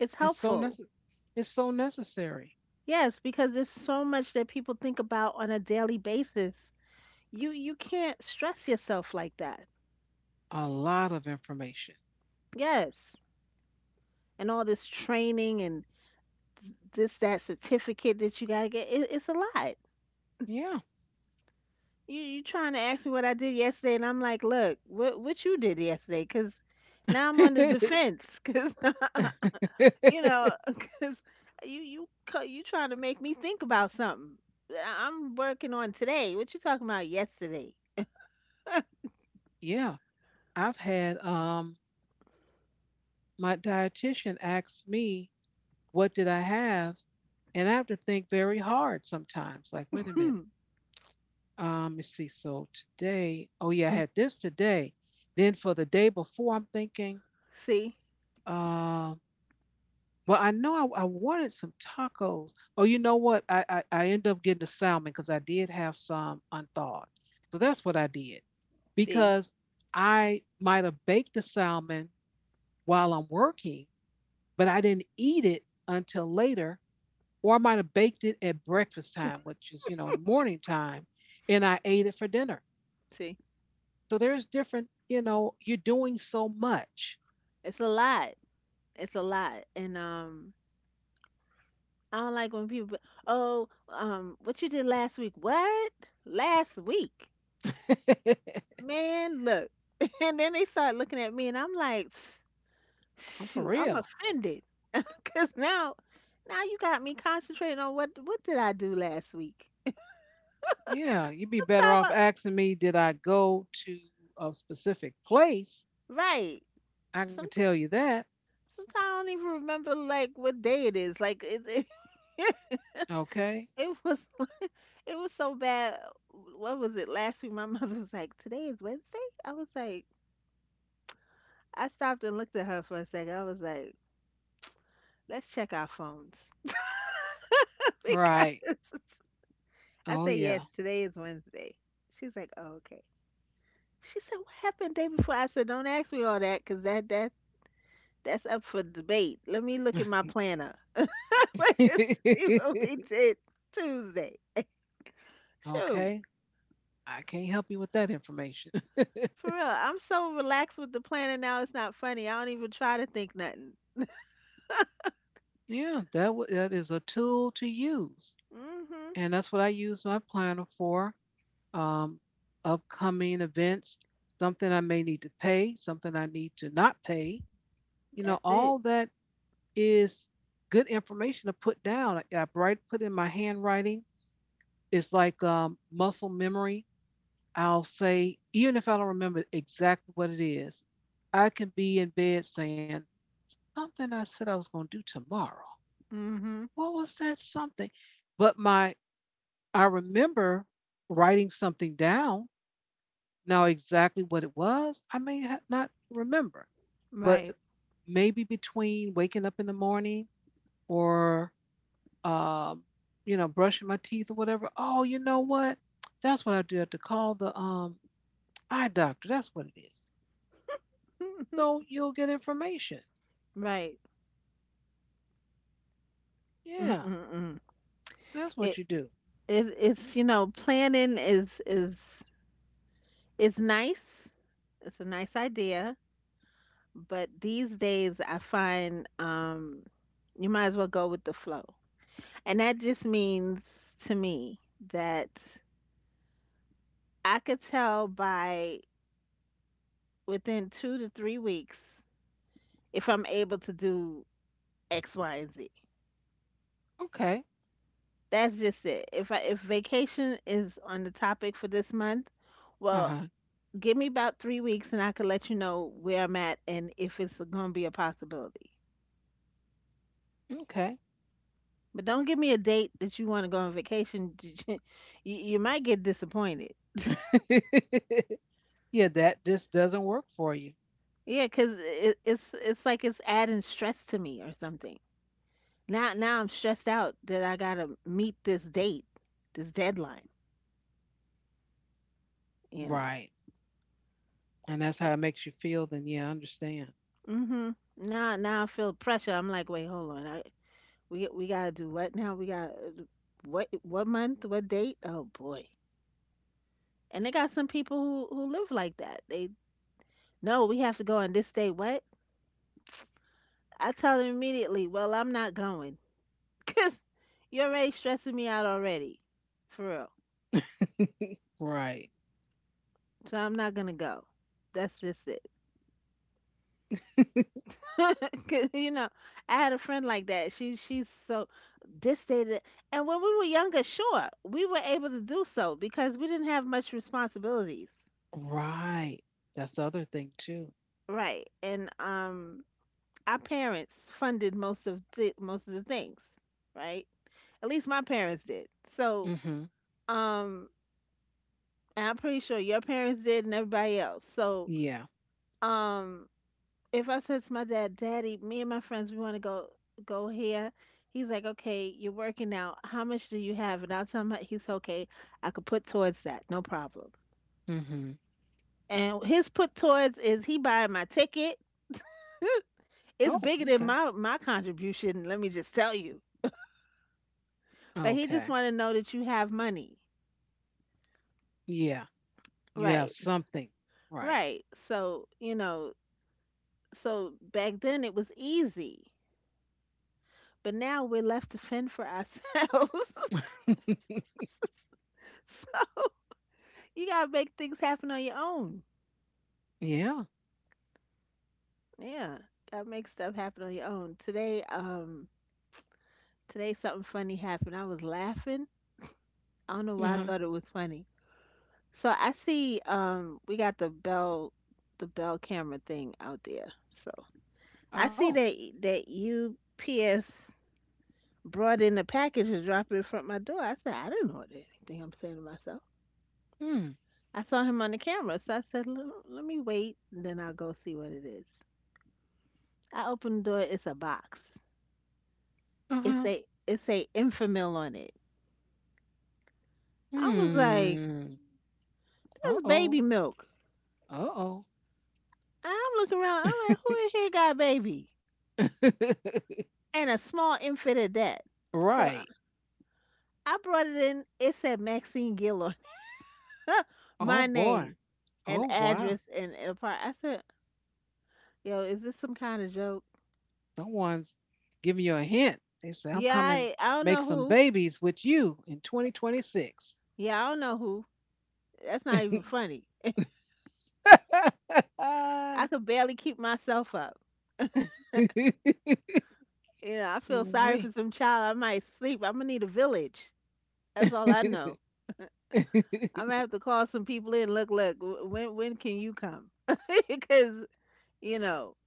[SPEAKER 2] It's
[SPEAKER 1] It's so
[SPEAKER 2] helpful.
[SPEAKER 1] necessary. It's so necessary.
[SPEAKER 2] Yes, because there's so much that people think about on a daily basis. You can't stress yourself like that.
[SPEAKER 1] A lot of information.
[SPEAKER 2] Yes. And all this training and this, that certificate that you got to get, it's a lot.
[SPEAKER 1] Yeah.
[SPEAKER 2] You trying to ask me what I did yesterday, and I'm like, look, what— what you did yesterday? 'Cause now I'm on the defense. 'Cause you know, 'cause you you trying to make me think about something. I'm working on today. What you talking about yesterday?
[SPEAKER 1] Yeah. I've had my dietitian asked me what did I have and I have to think very hard sometimes. Like, wait a minute.
[SPEAKER 2] Hmm.
[SPEAKER 1] Let me see. So today, oh yeah, I
[SPEAKER 2] Mm.
[SPEAKER 1] had this today. Then for the day before, I'm thinking,
[SPEAKER 2] See,
[SPEAKER 1] um, well, I know I wanted some tacos. Oh, you know what? I ended up getting the salmon because I did have some unthawed. So that's what I did
[SPEAKER 2] see,
[SPEAKER 1] because I might have baked the salmon while I'm working, but I didn't eat it until later, or I might have baked it at breakfast time, which is in the morning time, and I ate it for dinner.
[SPEAKER 2] see.
[SPEAKER 1] So there's different, you're doing so much.
[SPEAKER 2] It's a lot. It's a lot, and I don't like when people. Oh, what you did last week? What? Last week?
[SPEAKER 1] I'm
[SPEAKER 2] Man, look. And then they start looking at me, and I'm like,
[SPEAKER 1] for
[SPEAKER 2] shoot, I'm
[SPEAKER 1] real.
[SPEAKER 2] offended because now, now you got me concentrating on what— what did I do last week?
[SPEAKER 1] Yeah, you'd be better
[SPEAKER 2] Sometime,
[SPEAKER 1] off
[SPEAKER 2] I—
[SPEAKER 1] asking me, did I go to a specific place?
[SPEAKER 2] right?
[SPEAKER 1] I can
[SPEAKER 2] Some—
[SPEAKER 1] tell you that.
[SPEAKER 2] sometimes I don't even remember like what day it is. Like it,
[SPEAKER 1] Okay.
[SPEAKER 2] it was it was so bad. What was it last week? My mother was like, "Today is Wednesday." I was like, I stopped and looked at her for a second. I was like, "Let's check our phones."
[SPEAKER 1] Right.
[SPEAKER 2] Because I
[SPEAKER 1] Oh,
[SPEAKER 2] said,
[SPEAKER 1] yeah.
[SPEAKER 2] "Yes, today is Wednesday." She's like, "Oh, okay." She said, "What happened the day before?" I said, "Don't ask me all that, 'cause that that's up for debate. Let me look at my planner. Let's see what we did Tuesday." Shoot,
[SPEAKER 1] Okay. I can't help you with that information.
[SPEAKER 2] for real, I'm so relaxed with the planner now. It's not funny. I don't even try to think nothing.
[SPEAKER 1] Yeah, that is a tool to use.
[SPEAKER 2] Mhm.
[SPEAKER 1] And that's what I use my planner for. Um, Upcoming events, something I may need to pay, something I need to not pay. You know,
[SPEAKER 2] That's
[SPEAKER 1] all
[SPEAKER 2] it.
[SPEAKER 1] that is good information to put down. I write, put in my handwriting. It's like muscle memory. I'll say, even if I don't remember exactly what it is, I can be in bed saying, something I said I was going to do tomorrow.
[SPEAKER 2] Mhm.
[SPEAKER 1] What was that something? But I remember writing something down. Now, exactly what it was, I may not remember, but
[SPEAKER 2] Right.
[SPEAKER 1] maybe between waking up in the morning or um, brushing my teeth or whatever. Oh, you know what? That's what I do. I have to call the eye doctor. That's what it is. So you'll get information.
[SPEAKER 2] Right.
[SPEAKER 1] Yeah,
[SPEAKER 2] Mm-mm-mm.
[SPEAKER 1] that's what
[SPEAKER 2] It,
[SPEAKER 1] you do.
[SPEAKER 2] it it's you know, planning is nice. It's a nice idea. But these days, I find you might as well go with the flow. And that just means to me that I could tell by within 2 to 3 weeks if I'm able to do X, Y, and Z.
[SPEAKER 1] Okay.
[SPEAKER 2] That's just it. If I, if vacation is on the topic for this month,
[SPEAKER 1] Uh
[SPEAKER 2] well,
[SPEAKER 1] huh.
[SPEAKER 2] give me about 3 weeks and I can let you know where I'm at and if it's going to be a possibility.
[SPEAKER 1] Okay.
[SPEAKER 2] But don't give me a date that you want to go on vacation. you, you might get disappointed.
[SPEAKER 1] Yeah, that just doesn't work for you.
[SPEAKER 2] Yeah, cause it, it's— it's like it's adding stress to me or something. Now, now I'm stressed out that I gotta meet this date, this deadline. You know.
[SPEAKER 1] Right. And that's
[SPEAKER 2] So,
[SPEAKER 1] how it makes you feel. Then, yeah, I understand.
[SPEAKER 2] mhm. Now, now I feel pressure. I'm like, wait, hold on. I— we gotta do what now? We got what— what month? What date? Oh boy. And they got some people who live like that. They— no, we have to go on this day. What? I told him immediately, well, I'm not going because you're already stressing me out already, for real.
[SPEAKER 1] Right.
[SPEAKER 2] So I'm not gonna go. That's just it. 'Cause, you know, I had a friend like that. She's so this, and when we were younger, sure, we were able to do so because we didn't have much responsibilities,
[SPEAKER 1] Right. That's the other thing too.
[SPEAKER 2] right? And our parents funded most of the things, right? At least my parents did. So
[SPEAKER 1] Mm-hmm.
[SPEAKER 2] um, I'm pretty sure your parents did and everybody else. So,
[SPEAKER 1] Yeah.
[SPEAKER 2] um, if I said to my dad, Daddy, me and my friends, we want to go— go here. He's like, okay, you're working out. How much do you have? And I'll tell him, he's okay. I could put towards that, no problem.
[SPEAKER 1] Mm-hmm.
[SPEAKER 2] And his put towards is he buying my ticket.
[SPEAKER 1] Oh,
[SPEAKER 2] It's bigger than
[SPEAKER 1] okay.
[SPEAKER 2] my contribution. Let me just tell you. But he just
[SPEAKER 1] Okay.
[SPEAKER 2] want to know that you have money.
[SPEAKER 1] Yeah. You have
[SPEAKER 2] Right,
[SPEAKER 1] something. Right.
[SPEAKER 2] right. So you know, so back then it was easy. But now we're left to fend for ourselves. So you gotta make things happen on your own.
[SPEAKER 1] Yeah.
[SPEAKER 2] Yeah, gotta make stuff happen on your own. Today, today something funny happened. I was laughing. I don't know why I
[SPEAKER 1] Uh-huh.
[SPEAKER 2] thought it was funny. So I see, we got the bell camera thing out there. So I
[SPEAKER 1] Oh.
[SPEAKER 2] see that UPS brought in a package and dropped it in front of my door. I said, I don't know anything. I'm saying to myself.
[SPEAKER 1] Hmm.
[SPEAKER 2] I saw him on the camera, so I said, "Lem-— Let me wait, then I'll go see what it is." I opened the door. It's a box. It's
[SPEAKER 1] Uh-huh.
[SPEAKER 2] a— it's a Infamil on it. I was like,
[SPEAKER 1] Hmm.
[SPEAKER 2] "That's
[SPEAKER 1] Uh-oh.
[SPEAKER 2] baby milk."
[SPEAKER 1] Uh-oh.
[SPEAKER 2] And I'm looking around. I'm like, "Who in here got baby?" And a small infant at that. So I
[SPEAKER 1] Right.
[SPEAKER 2] I brought it in. It said Maxine Gill on it.
[SPEAKER 1] Oh
[SPEAKER 2] My
[SPEAKER 1] boy.
[SPEAKER 2] name and
[SPEAKER 1] Oh wow.
[SPEAKER 2] address and— and a part. I said, "Yo, is this some kind of joke?"
[SPEAKER 1] Someone's giving you a hint. They say I'm
[SPEAKER 2] Yeah,
[SPEAKER 1] coming
[SPEAKER 2] I don't
[SPEAKER 1] make
[SPEAKER 2] know
[SPEAKER 1] some
[SPEAKER 2] who.
[SPEAKER 1] babies with you in 2026.
[SPEAKER 2] Yeah, I don't know who. That's not even funny. I could barely keep myself up. You know, I feel sorry for
[SPEAKER 1] Ooh-wee.
[SPEAKER 2] some child. I might sleep. I'm gonna need a village. That's all I know. I'm gonna have to call some people in. Look, look. When— when can you come? Because you know.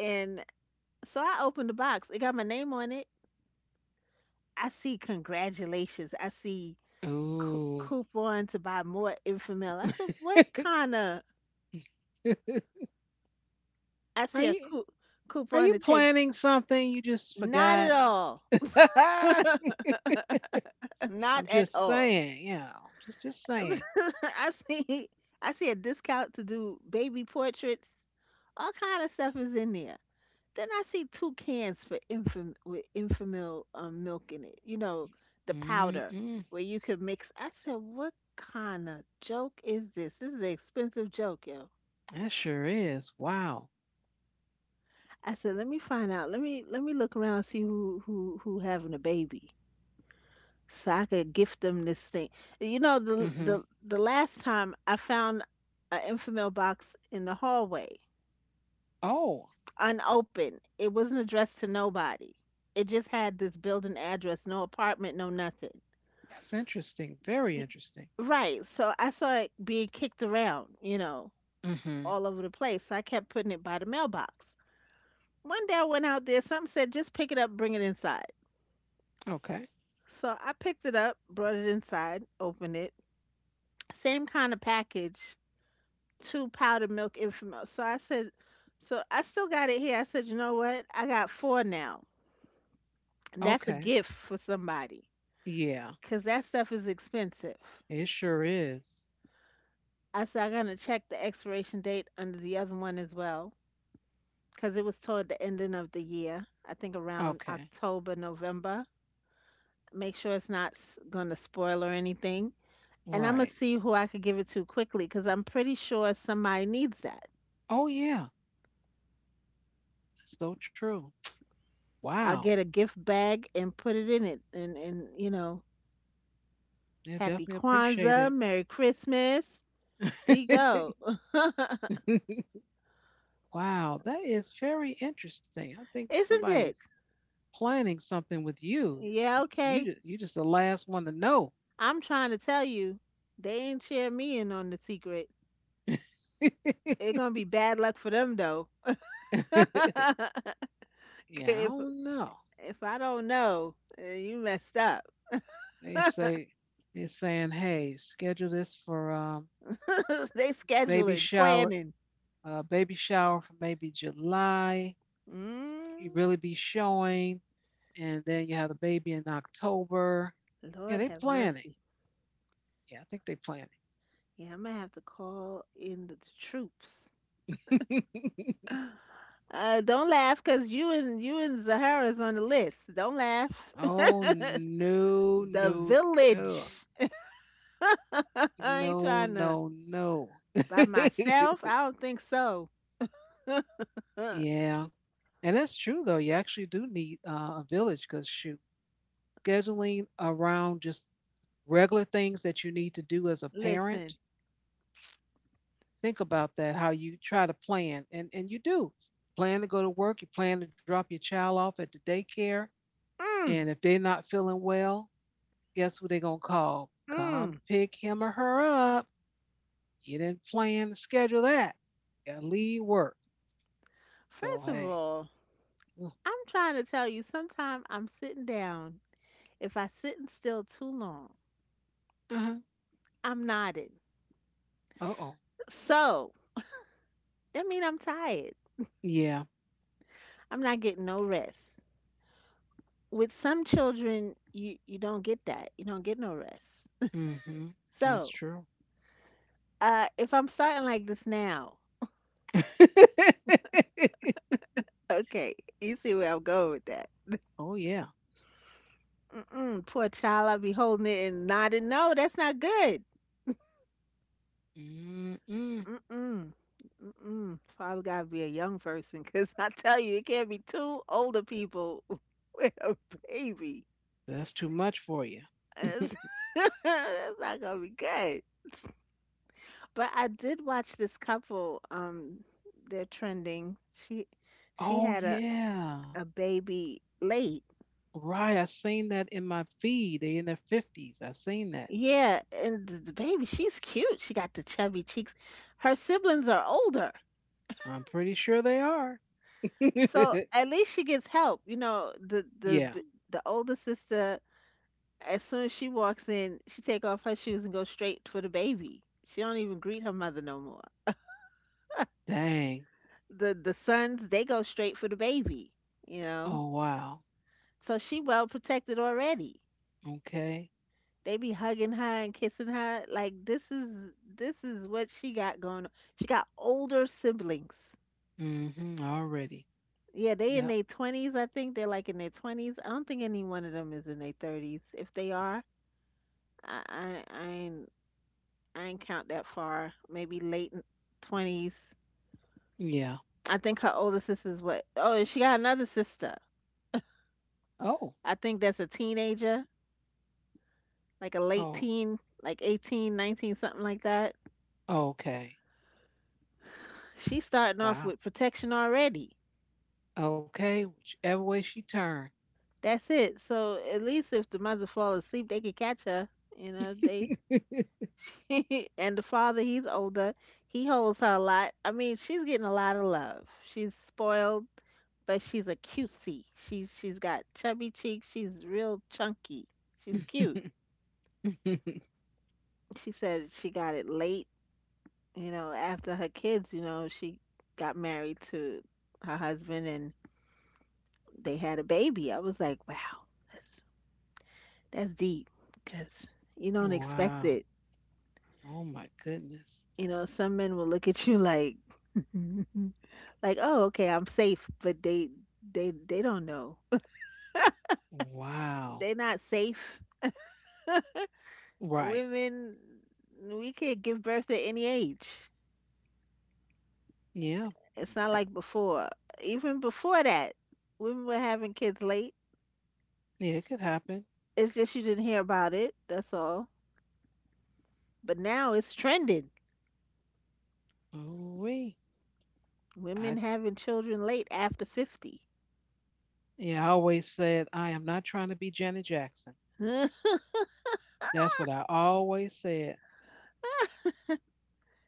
[SPEAKER 2] And so I opened the box. It got my name on it. I see congratulations. I see
[SPEAKER 1] Ooh.
[SPEAKER 2] coupon to buy more Infamil. I said, what kind of? I see a
[SPEAKER 1] Are you are
[SPEAKER 2] coupon
[SPEAKER 1] you
[SPEAKER 2] to take.
[SPEAKER 1] planning something you just
[SPEAKER 2] Not at
[SPEAKER 1] forgot?
[SPEAKER 2] all.
[SPEAKER 1] I'm
[SPEAKER 2] Not at
[SPEAKER 1] just
[SPEAKER 2] all.
[SPEAKER 1] saying, just saying.
[SPEAKER 2] I see I see a discount to do baby portraits. All kind of stuff is in there. Then I see two cans for infam with infamil milk in it. You know, the powder
[SPEAKER 1] Mm-mm,
[SPEAKER 2] where you could mix. I said, what kind of joke is this? This is an expensive joke, yo.
[SPEAKER 1] that sure is. Wow.
[SPEAKER 2] I said, let me find out. Let me look around and see who having a baby. So I could gift them this thing. You know, the
[SPEAKER 1] Hmm.
[SPEAKER 2] the the last time I found an infamil box in the hallway,
[SPEAKER 1] Oh,
[SPEAKER 2] unopened. It wasn't addressed to nobody. It just had this building address, no apartment, no nothing.
[SPEAKER 1] that's interesting. Very
[SPEAKER 2] Y-
[SPEAKER 1] interesting.
[SPEAKER 2] Right. So I saw it being kicked around, you know,
[SPEAKER 1] Mm-hmm.
[SPEAKER 2] all over the place. So I kept putting it by the mailbox. One day I went out there, something said, just pick it up, bring it inside.
[SPEAKER 1] Okay.
[SPEAKER 2] So I picked it up, brought it inside, opened it. Same kind of package, two powdered milk infamous. So I said, so I still got it here. I said, you know what? I got four now. That's a
[SPEAKER 1] Okay.
[SPEAKER 2] gift for somebody
[SPEAKER 1] Yeah,
[SPEAKER 2] because that stuff is expensive.
[SPEAKER 1] it sure is.
[SPEAKER 2] I said, I'm going to check the expiration date under the other one as well because it was toward the ending of the year. I think around
[SPEAKER 1] Okay.
[SPEAKER 2] October, November. Make sure it's not going to spoil or anything. And I'm going to
[SPEAKER 1] Right.
[SPEAKER 2] see who I could give it to quickly because I'm pretty sure somebody needs that.
[SPEAKER 1] Oh, yeah. So true.
[SPEAKER 2] I'll
[SPEAKER 1] Wow.
[SPEAKER 2] get a gift bag and put it in it, and
[SPEAKER 1] Yeah.
[SPEAKER 2] Happy
[SPEAKER 1] Definitely appreciate
[SPEAKER 2] Kwanzaa,
[SPEAKER 1] it.
[SPEAKER 2] Merry Christmas. The go.
[SPEAKER 1] Wow. That is very interesting. I think
[SPEAKER 2] Isn't
[SPEAKER 1] somebody's
[SPEAKER 2] it?
[SPEAKER 1] planning something with you. Y-
[SPEAKER 2] Yeah,
[SPEAKER 1] You
[SPEAKER 2] okay.
[SPEAKER 1] just, you just the last one to know.
[SPEAKER 2] I'm trying to tell you, they ain't share me in on the secret.
[SPEAKER 1] Yeah,
[SPEAKER 2] It's gonna be bad luck for them though.
[SPEAKER 1] I
[SPEAKER 2] 'Kay, if
[SPEAKER 1] don't know.
[SPEAKER 2] if I don't know, you messed up.
[SPEAKER 1] They say, they're saying, hey, schedule this for
[SPEAKER 2] They
[SPEAKER 1] baby
[SPEAKER 2] scheduling,
[SPEAKER 1] shower,
[SPEAKER 2] planning.
[SPEAKER 1] baby shower for maybe July. You
[SPEAKER 2] Mm.
[SPEAKER 1] really be showing, and then you have the baby in October. Yeah,
[SPEAKER 2] Lord
[SPEAKER 1] they
[SPEAKER 2] have
[SPEAKER 1] planning.
[SPEAKER 2] mercy.
[SPEAKER 1] Yeah, I think they planning.
[SPEAKER 2] Yeah, I'm gonna have to call in the troops. Don't laugh, cause you and Zahara's on the list. Don't laugh.
[SPEAKER 1] Oh no,
[SPEAKER 2] The
[SPEAKER 1] no, no,
[SPEAKER 2] Village. I ain't
[SPEAKER 1] no,
[SPEAKER 2] trying to
[SPEAKER 1] no, no.
[SPEAKER 2] by myself. I don't think so.
[SPEAKER 1] Yeah, and that's true though. You actually do need a village because shoot, scheduling around just regular things that you need to do as a
[SPEAKER 2] Listen.
[SPEAKER 1] parent. Think about that, how you try to plan. And you do plan to go to work, you plan to drop your child off at the daycare,
[SPEAKER 2] Mm,
[SPEAKER 1] and if they're not feeling well, guess what, they're going to call, come
[SPEAKER 2] mm.
[SPEAKER 1] pick him or her up. You didn't plan to schedule that. You gotta leave work. So
[SPEAKER 2] First of
[SPEAKER 1] hey.
[SPEAKER 2] all,
[SPEAKER 1] Uh
[SPEAKER 2] I'm trying to tell you. Sometime I'm sitting down. If I sitting still too long,
[SPEAKER 1] huh.
[SPEAKER 2] I'm nodding.
[SPEAKER 1] Uh-oh.
[SPEAKER 2] So that mean I'm tired.
[SPEAKER 1] Yeah.
[SPEAKER 2] I'm not getting no rest. With some children, you don't get that, you don't get no rest.
[SPEAKER 1] Mm-hmm. That's
[SPEAKER 2] So
[SPEAKER 1] true.
[SPEAKER 2] if I'm starting like this now, okay, you see where I'm going with that.
[SPEAKER 1] Oh yeah.
[SPEAKER 2] Mm-mm, poor child, I'll be holding it and nodding. No, that's not good.
[SPEAKER 1] Mm-mm.
[SPEAKER 2] Mm-mm, mm-mm. Father gotta be a young person, because I tell you it can't be two older people with a baby.
[SPEAKER 1] That's too much for you.
[SPEAKER 2] that's, that's not gonna be good. But I did watch this couple. They're trending. She she
[SPEAKER 1] Oh
[SPEAKER 2] had a
[SPEAKER 1] yeah.
[SPEAKER 2] a baby late.
[SPEAKER 1] Right, I seen that in my feed. They in their fifties. I seen that.
[SPEAKER 2] Yeah, and the baby, she's cute. She got the chubby cheeks. Her siblings are older,
[SPEAKER 1] I'm pretty sure they are.
[SPEAKER 2] so at least she gets help. You know,
[SPEAKER 1] Yeah.
[SPEAKER 2] the older sister, as soon as she walks in, she take off her shoes and go straight for the baby. She don't even greet her mother no more.
[SPEAKER 1] Dang.
[SPEAKER 2] The sons, they go straight for the baby, you
[SPEAKER 1] Oh
[SPEAKER 2] know.
[SPEAKER 1] wow.
[SPEAKER 2] So she well protected already.
[SPEAKER 1] Okay.
[SPEAKER 2] They be hugging her and kissing her. Like, this is what she got going on. She got older siblings.
[SPEAKER 1] Mm-hmm. Already.
[SPEAKER 2] Yeah, they in
[SPEAKER 1] Yep.
[SPEAKER 2] their twenties. I think they're like in their twenties. I don't think any one of them is in their thirties. If they are, I I I ain't, I ain't count that far. Maybe late twenties.
[SPEAKER 1] Yeah.
[SPEAKER 2] I think her older sister's what? Oh, and she got another sister.
[SPEAKER 1] Oh.
[SPEAKER 2] I think that's a teenager, like a late
[SPEAKER 1] Oh.
[SPEAKER 2] teen, like 18, 19, something like that.
[SPEAKER 1] Okay.
[SPEAKER 2] She's starting off
[SPEAKER 1] Wow.
[SPEAKER 2] with protection already.
[SPEAKER 1] Okay. Whichever way she turned.
[SPEAKER 2] That's it. So at least if the mother fall asleep, they could catch her. You know, they and the father, he's older. He holds her a lot. I mean, she's getting a lot of love. She's spoiled, but she's a cutie. She's got chubby cheeks. She's real chunky. She's cute. She said she got it late. You know, after her kids. You know, she got married to her husband and they had a baby. I was like, wow, that's that's deep because you don't expect
[SPEAKER 1] Wow.
[SPEAKER 2] it.
[SPEAKER 1] Oh my goodness.
[SPEAKER 2] You know, some men will look at you like like, "Oh, okay, I'm safe," but they they don't know.
[SPEAKER 1] Wow.
[SPEAKER 2] They're not safe.
[SPEAKER 1] Right.
[SPEAKER 2] Women, we could give birth at any age.
[SPEAKER 1] Yeah.
[SPEAKER 2] It's not
[SPEAKER 1] Uh,
[SPEAKER 2] like before. Even before that, women were having kids late.
[SPEAKER 1] Yeah, it could happen.
[SPEAKER 2] It's just you didn't hear about it. That's all. But now it's trending.
[SPEAKER 1] Oh wee.
[SPEAKER 2] Women
[SPEAKER 1] I
[SPEAKER 2] having children late after 50.
[SPEAKER 1] Yeah, I always said I am not trying to be Janet Jackson. That's what I always said.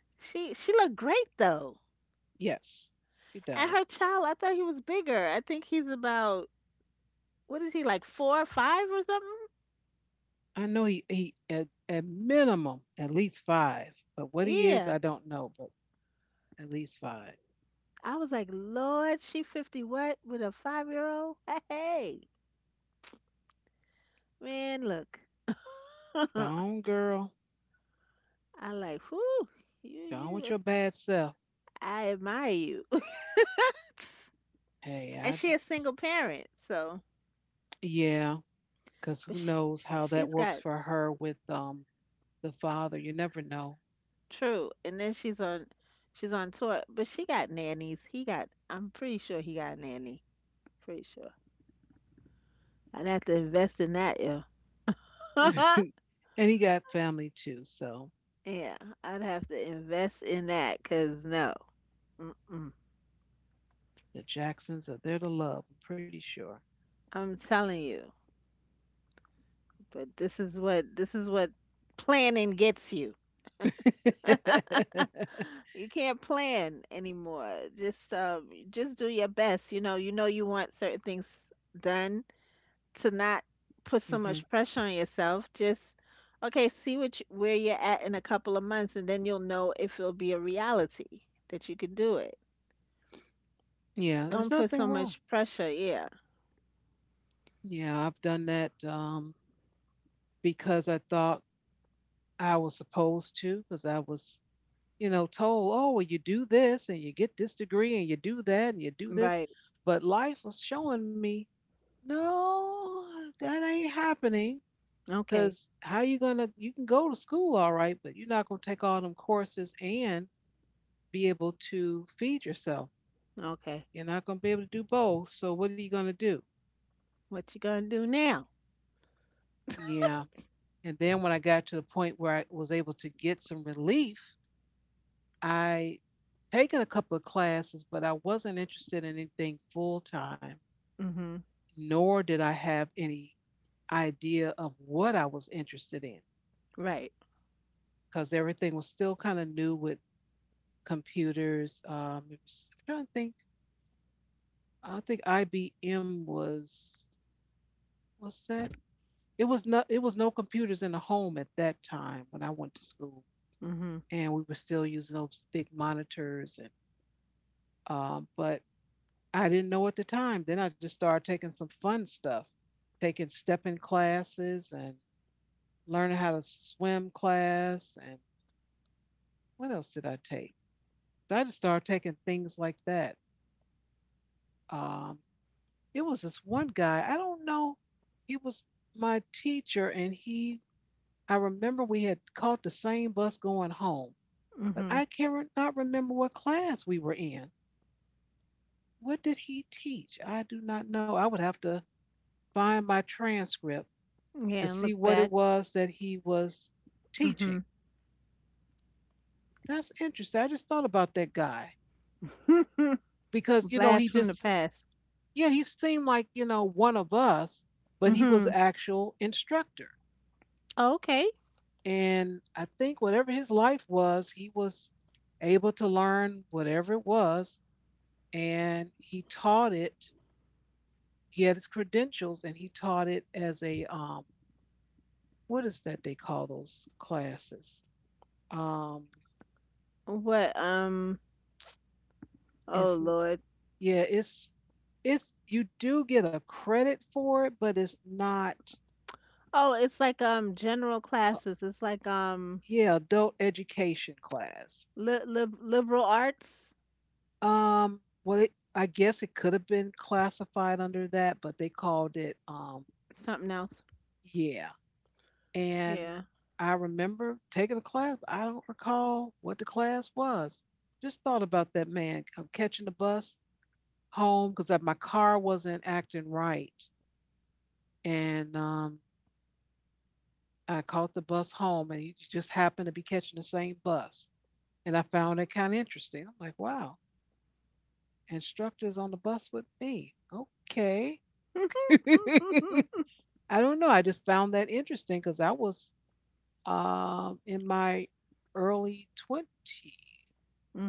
[SPEAKER 2] She looked great though.
[SPEAKER 1] Yes, he
[SPEAKER 2] And her
[SPEAKER 1] does.
[SPEAKER 2] child, I thought he was bigger. I think he's about, what is he, like four or five or something?
[SPEAKER 1] I know he at minimum at least five, but what he is,
[SPEAKER 2] Yeah.
[SPEAKER 1] I don't know, but at least five.
[SPEAKER 2] I was like, Lord, she fifty what with a 5 year old? Hey, man, look.
[SPEAKER 1] Go
[SPEAKER 2] I
[SPEAKER 1] on, girl.
[SPEAKER 2] like, whoo,
[SPEAKER 1] Go on with
[SPEAKER 2] you
[SPEAKER 1] your bad self.
[SPEAKER 2] I admire you.
[SPEAKER 1] Hey,
[SPEAKER 2] And she a single parent, so
[SPEAKER 1] yeah, because who knows how that
[SPEAKER 2] she's
[SPEAKER 1] works
[SPEAKER 2] got
[SPEAKER 1] for her with the father. You never know.
[SPEAKER 2] true. And then she's on tour. But she got nannies. He got, I'm pretty sure he got a nanny. Pretty sure. I'd have to invest in that, yo.
[SPEAKER 1] And he got family too, so
[SPEAKER 2] Yeah, I'd have to invest in that, cuz no. Mm-mm.
[SPEAKER 1] the Jacksons are there to love, I'm pretty sure.
[SPEAKER 2] I'm telling you. But this is what planning gets you. You can't plan anymore. Just do your best. You know you want certain things done to not put so
[SPEAKER 1] Hmm.
[SPEAKER 2] much pressure on yourself. Just okay, see where you're at in a couple of months, and then you'll know if it'll be a reality that you could do it.
[SPEAKER 1] Yeah, there's
[SPEAKER 2] Don't put so
[SPEAKER 1] nothing wrong.
[SPEAKER 2] much pressure. Yeah.
[SPEAKER 1] Yeah, I've done that because I thought I was supposed to, because I was told, oh, well, you do this and you get this degree and you do that and you do this.
[SPEAKER 2] Right.
[SPEAKER 1] But life was showing me, no, that ain't happening.
[SPEAKER 2] Okay.
[SPEAKER 1] Because you can go to school all right, but you're not gonna take all them courses and be able to feed yourself.
[SPEAKER 2] Okay.
[SPEAKER 1] You're not gonna be able to do both. So what are you gonna do?
[SPEAKER 2] What you gonna do now?
[SPEAKER 1] Yeah. And then when I got to the point where I was able to get some relief, I taken a couple of classes, but I wasn't interested in anything full time,
[SPEAKER 2] Mhm.
[SPEAKER 1] nor did I have any idea of what I was interested in
[SPEAKER 2] Right.
[SPEAKER 1] because everything was still kind of new with computers. I'm trying to think. I think IBM was what's that? It was not. It was no computers in the home at that time when I went to school,
[SPEAKER 2] Mhm.
[SPEAKER 1] and we were still using those big monitors. And but I didn't know at the time. Then I just started taking some fun stuff, taking stepping classes and learning how to swim class. And what else did I take? So I just started taking things like that. Um, it was this one guy, I don't know, he was my teacher, and I remember we had caught the same bus going home, but
[SPEAKER 2] Mhm.
[SPEAKER 1] I cannot remember what class we were in. What did he teach? I do not know. I would have to find my transcript to
[SPEAKER 2] Yeah, and look
[SPEAKER 1] see what it
[SPEAKER 2] back.
[SPEAKER 1] was that he was teaching.
[SPEAKER 2] Mhm.
[SPEAKER 1] That's interesting. I just thought about that guy because, you know,
[SPEAKER 2] Blast
[SPEAKER 1] he
[SPEAKER 2] from the
[SPEAKER 1] just,
[SPEAKER 2] past.
[SPEAKER 1] yeah, he seemed like, one of us, but he was
[SPEAKER 2] Mhm.
[SPEAKER 1] actual instructor.
[SPEAKER 2] Okay.
[SPEAKER 1] And I think whatever his life was, he was able to learn whatever it was and he taught it. He had his credentials and he taught it as a what is that they call those classes? Um
[SPEAKER 2] What oh
[SPEAKER 1] it's.
[SPEAKER 2] Lord.
[SPEAKER 1] Yeah, it's you do get a credit for it, but it's not
[SPEAKER 2] Oh, it's like general
[SPEAKER 1] uh,
[SPEAKER 2] classes. It's like
[SPEAKER 1] yeah, adult education class.
[SPEAKER 2] liberal arts,
[SPEAKER 1] Well it, I guess it could have been classified under that, but they called it
[SPEAKER 2] something else.
[SPEAKER 1] yeah. And
[SPEAKER 2] Yeah.
[SPEAKER 1] I remember taking a class. I don't recall what the class was. Just thought about that man. I'm catching the bus home because my car wasn't acting right. And I caught the bus home, and you just happened to be catching the same bus. And I found it kind of interesting. I'm like, wow, instructors on the bus with me. Okay. I don't know. I just found that interesting because I was in my early 20s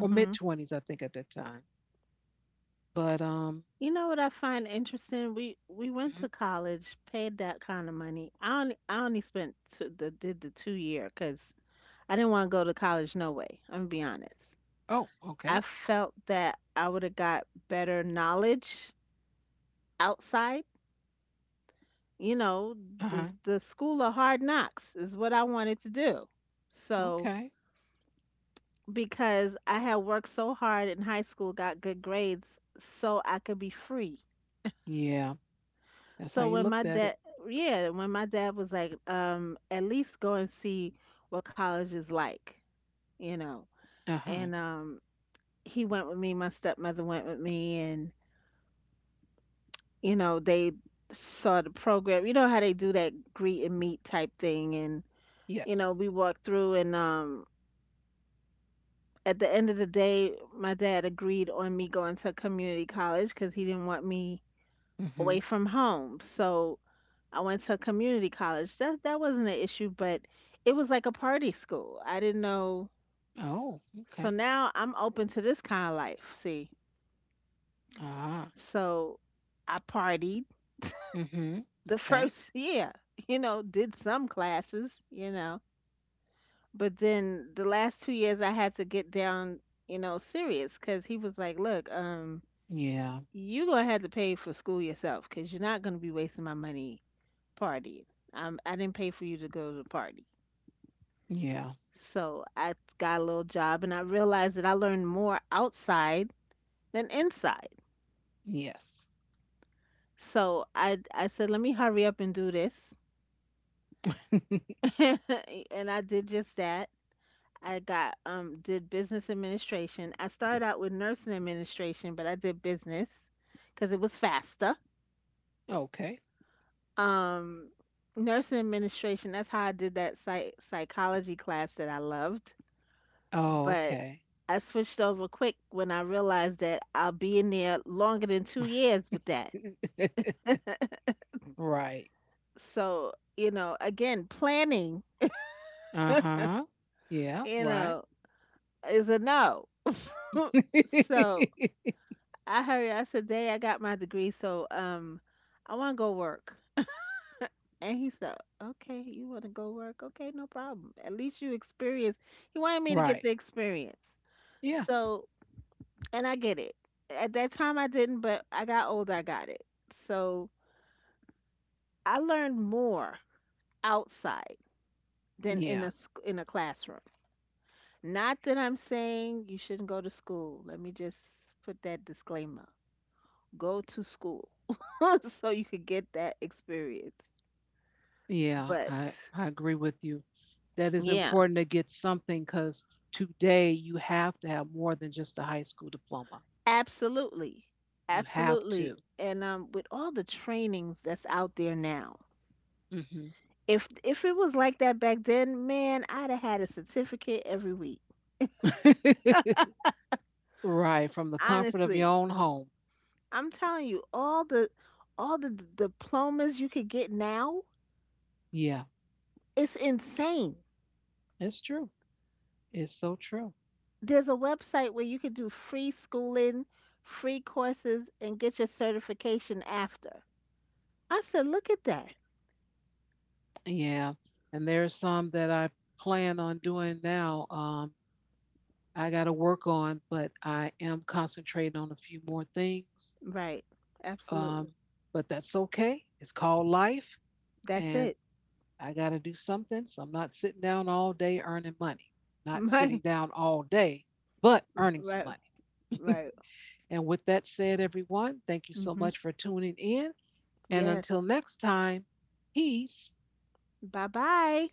[SPEAKER 1] or mid 20s, I think, at that time. But,
[SPEAKER 2] You know what I find interesting? We went
[SPEAKER 1] mhm.
[SPEAKER 2] to college, paid that kind of money. I only spent two, the did the 2-year cuz I didn't want to go to college no way. I'm gonna be honest.
[SPEAKER 1] Oh, okay.
[SPEAKER 2] I felt that I would have got better knowledge outside. You know,
[SPEAKER 1] Uh
[SPEAKER 2] the
[SPEAKER 1] huh.
[SPEAKER 2] the school of hard knocks is what I wanted to do. So
[SPEAKER 1] Okay.
[SPEAKER 2] because I had worked so hard in high school, got good grades, so I could be free.
[SPEAKER 1] Yeah. That's how
[SPEAKER 2] So
[SPEAKER 1] you looked at it.
[SPEAKER 2] yeah, when my dad was like, at least go and see what college is like, you know,
[SPEAKER 1] Uh huh.
[SPEAKER 2] and he went with me. My stepmother went with me, and you know, they saw the program. You know how they do that greet and meet type thing, and you know,
[SPEAKER 1] Yes.
[SPEAKER 2] we walked through, and at the end of the day, my dad agreed on me going to community college cuz he didn't want me
[SPEAKER 1] Mm hmm.
[SPEAKER 2] away from home. So, I went to community college. That wasn't an issue, but it was like a party school. I didn't know.
[SPEAKER 1] Oh,
[SPEAKER 2] So
[SPEAKER 1] okay.
[SPEAKER 2] now I'm open to this kind of life, see.
[SPEAKER 1] Ah.
[SPEAKER 2] So, I partied
[SPEAKER 1] Mm hmm.
[SPEAKER 2] the
[SPEAKER 1] Okay.
[SPEAKER 2] first year, you know, did some classes, you know. But then the last 2 years I had to get down, you know, serious, because he was like, "Look,
[SPEAKER 1] Yeah.
[SPEAKER 2] you gonna have to pay for school yourself, because 'cause you're not gonna be wasting my money partying. I didn't pay for you to go to the party."
[SPEAKER 1] Yeah.
[SPEAKER 2] So I got a little job and I realized that I learned more outside than inside.
[SPEAKER 1] Yes.
[SPEAKER 2] So I said, "Let me hurry up and do this." And I did just that. I got did business administration. I started out with nursing administration, but I did business because it was faster.
[SPEAKER 1] Okay.
[SPEAKER 2] Um, Nursing administration. That's how I did that psychology class that I loved.
[SPEAKER 1] Oh,
[SPEAKER 2] But
[SPEAKER 1] okay.
[SPEAKER 2] I switched over quick when I realized that I'll be in there longer than two years with that.
[SPEAKER 1] Right.
[SPEAKER 2] So you know, again, planning,
[SPEAKER 1] Uh-huh. Yeah,
[SPEAKER 2] you
[SPEAKER 1] right.
[SPEAKER 2] know, is a no. So I hurry. I said, "Day, I got my degree, so I want to go work." And he said, okay, you want to go work? Okay, no problem. At least you experience. He wanted me to get
[SPEAKER 1] Right.
[SPEAKER 2] the experience.
[SPEAKER 1] Yeah.
[SPEAKER 2] So, and I get it. At that time, I didn't, but I got older, I got it. So, I learned more outside than in
[SPEAKER 1] Yeah.
[SPEAKER 2] in a classroom. Not that I'm saying you shouldn't go to school. Let me just put that disclaimer. Go to school so you could get that experience.
[SPEAKER 1] Yeah.
[SPEAKER 2] But
[SPEAKER 1] I agree with you. That is
[SPEAKER 2] yeah,
[SPEAKER 1] important to get something because today you have to have more than just a high school diploma.
[SPEAKER 2] absolutely.
[SPEAKER 1] You have
[SPEAKER 2] Absolutely.
[SPEAKER 1] to.
[SPEAKER 2] And with all the trainings that's out there now,
[SPEAKER 1] Hmm.
[SPEAKER 2] if it was like that back then, man, I'd have had a certificate every week.
[SPEAKER 1] Right. From the comfort of your
[SPEAKER 2] Honestly.
[SPEAKER 1] own home.
[SPEAKER 2] I'm telling you, all the diplomas you could get now,
[SPEAKER 1] Yeah.
[SPEAKER 2] it's insane.
[SPEAKER 1] It's true. It's so true.
[SPEAKER 2] There's a website where you could do free schooling, free courses, and get your certification after. I said, look at that.
[SPEAKER 1] Yeah, and there's some that I plan on doing now. I got to work on, but I am concentrating on a few more things.
[SPEAKER 2] Right. Absolutely.
[SPEAKER 1] Um, but that's okay. It's called life,
[SPEAKER 2] That's
[SPEAKER 1] and
[SPEAKER 2] it.
[SPEAKER 1] I got to do something. So I'm not sitting down all day earning money. Not sitting
[SPEAKER 2] Right.
[SPEAKER 1] down all day, but earning some
[SPEAKER 2] Right.
[SPEAKER 1] money.
[SPEAKER 2] Right.
[SPEAKER 1] And with that said, everyone, thank you so
[SPEAKER 2] Hmm.
[SPEAKER 1] much for tuning in. And
[SPEAKER 2] Yes.
[SPEAKER 1] until next time, peace.
[SPEAKER 2] Bye bye.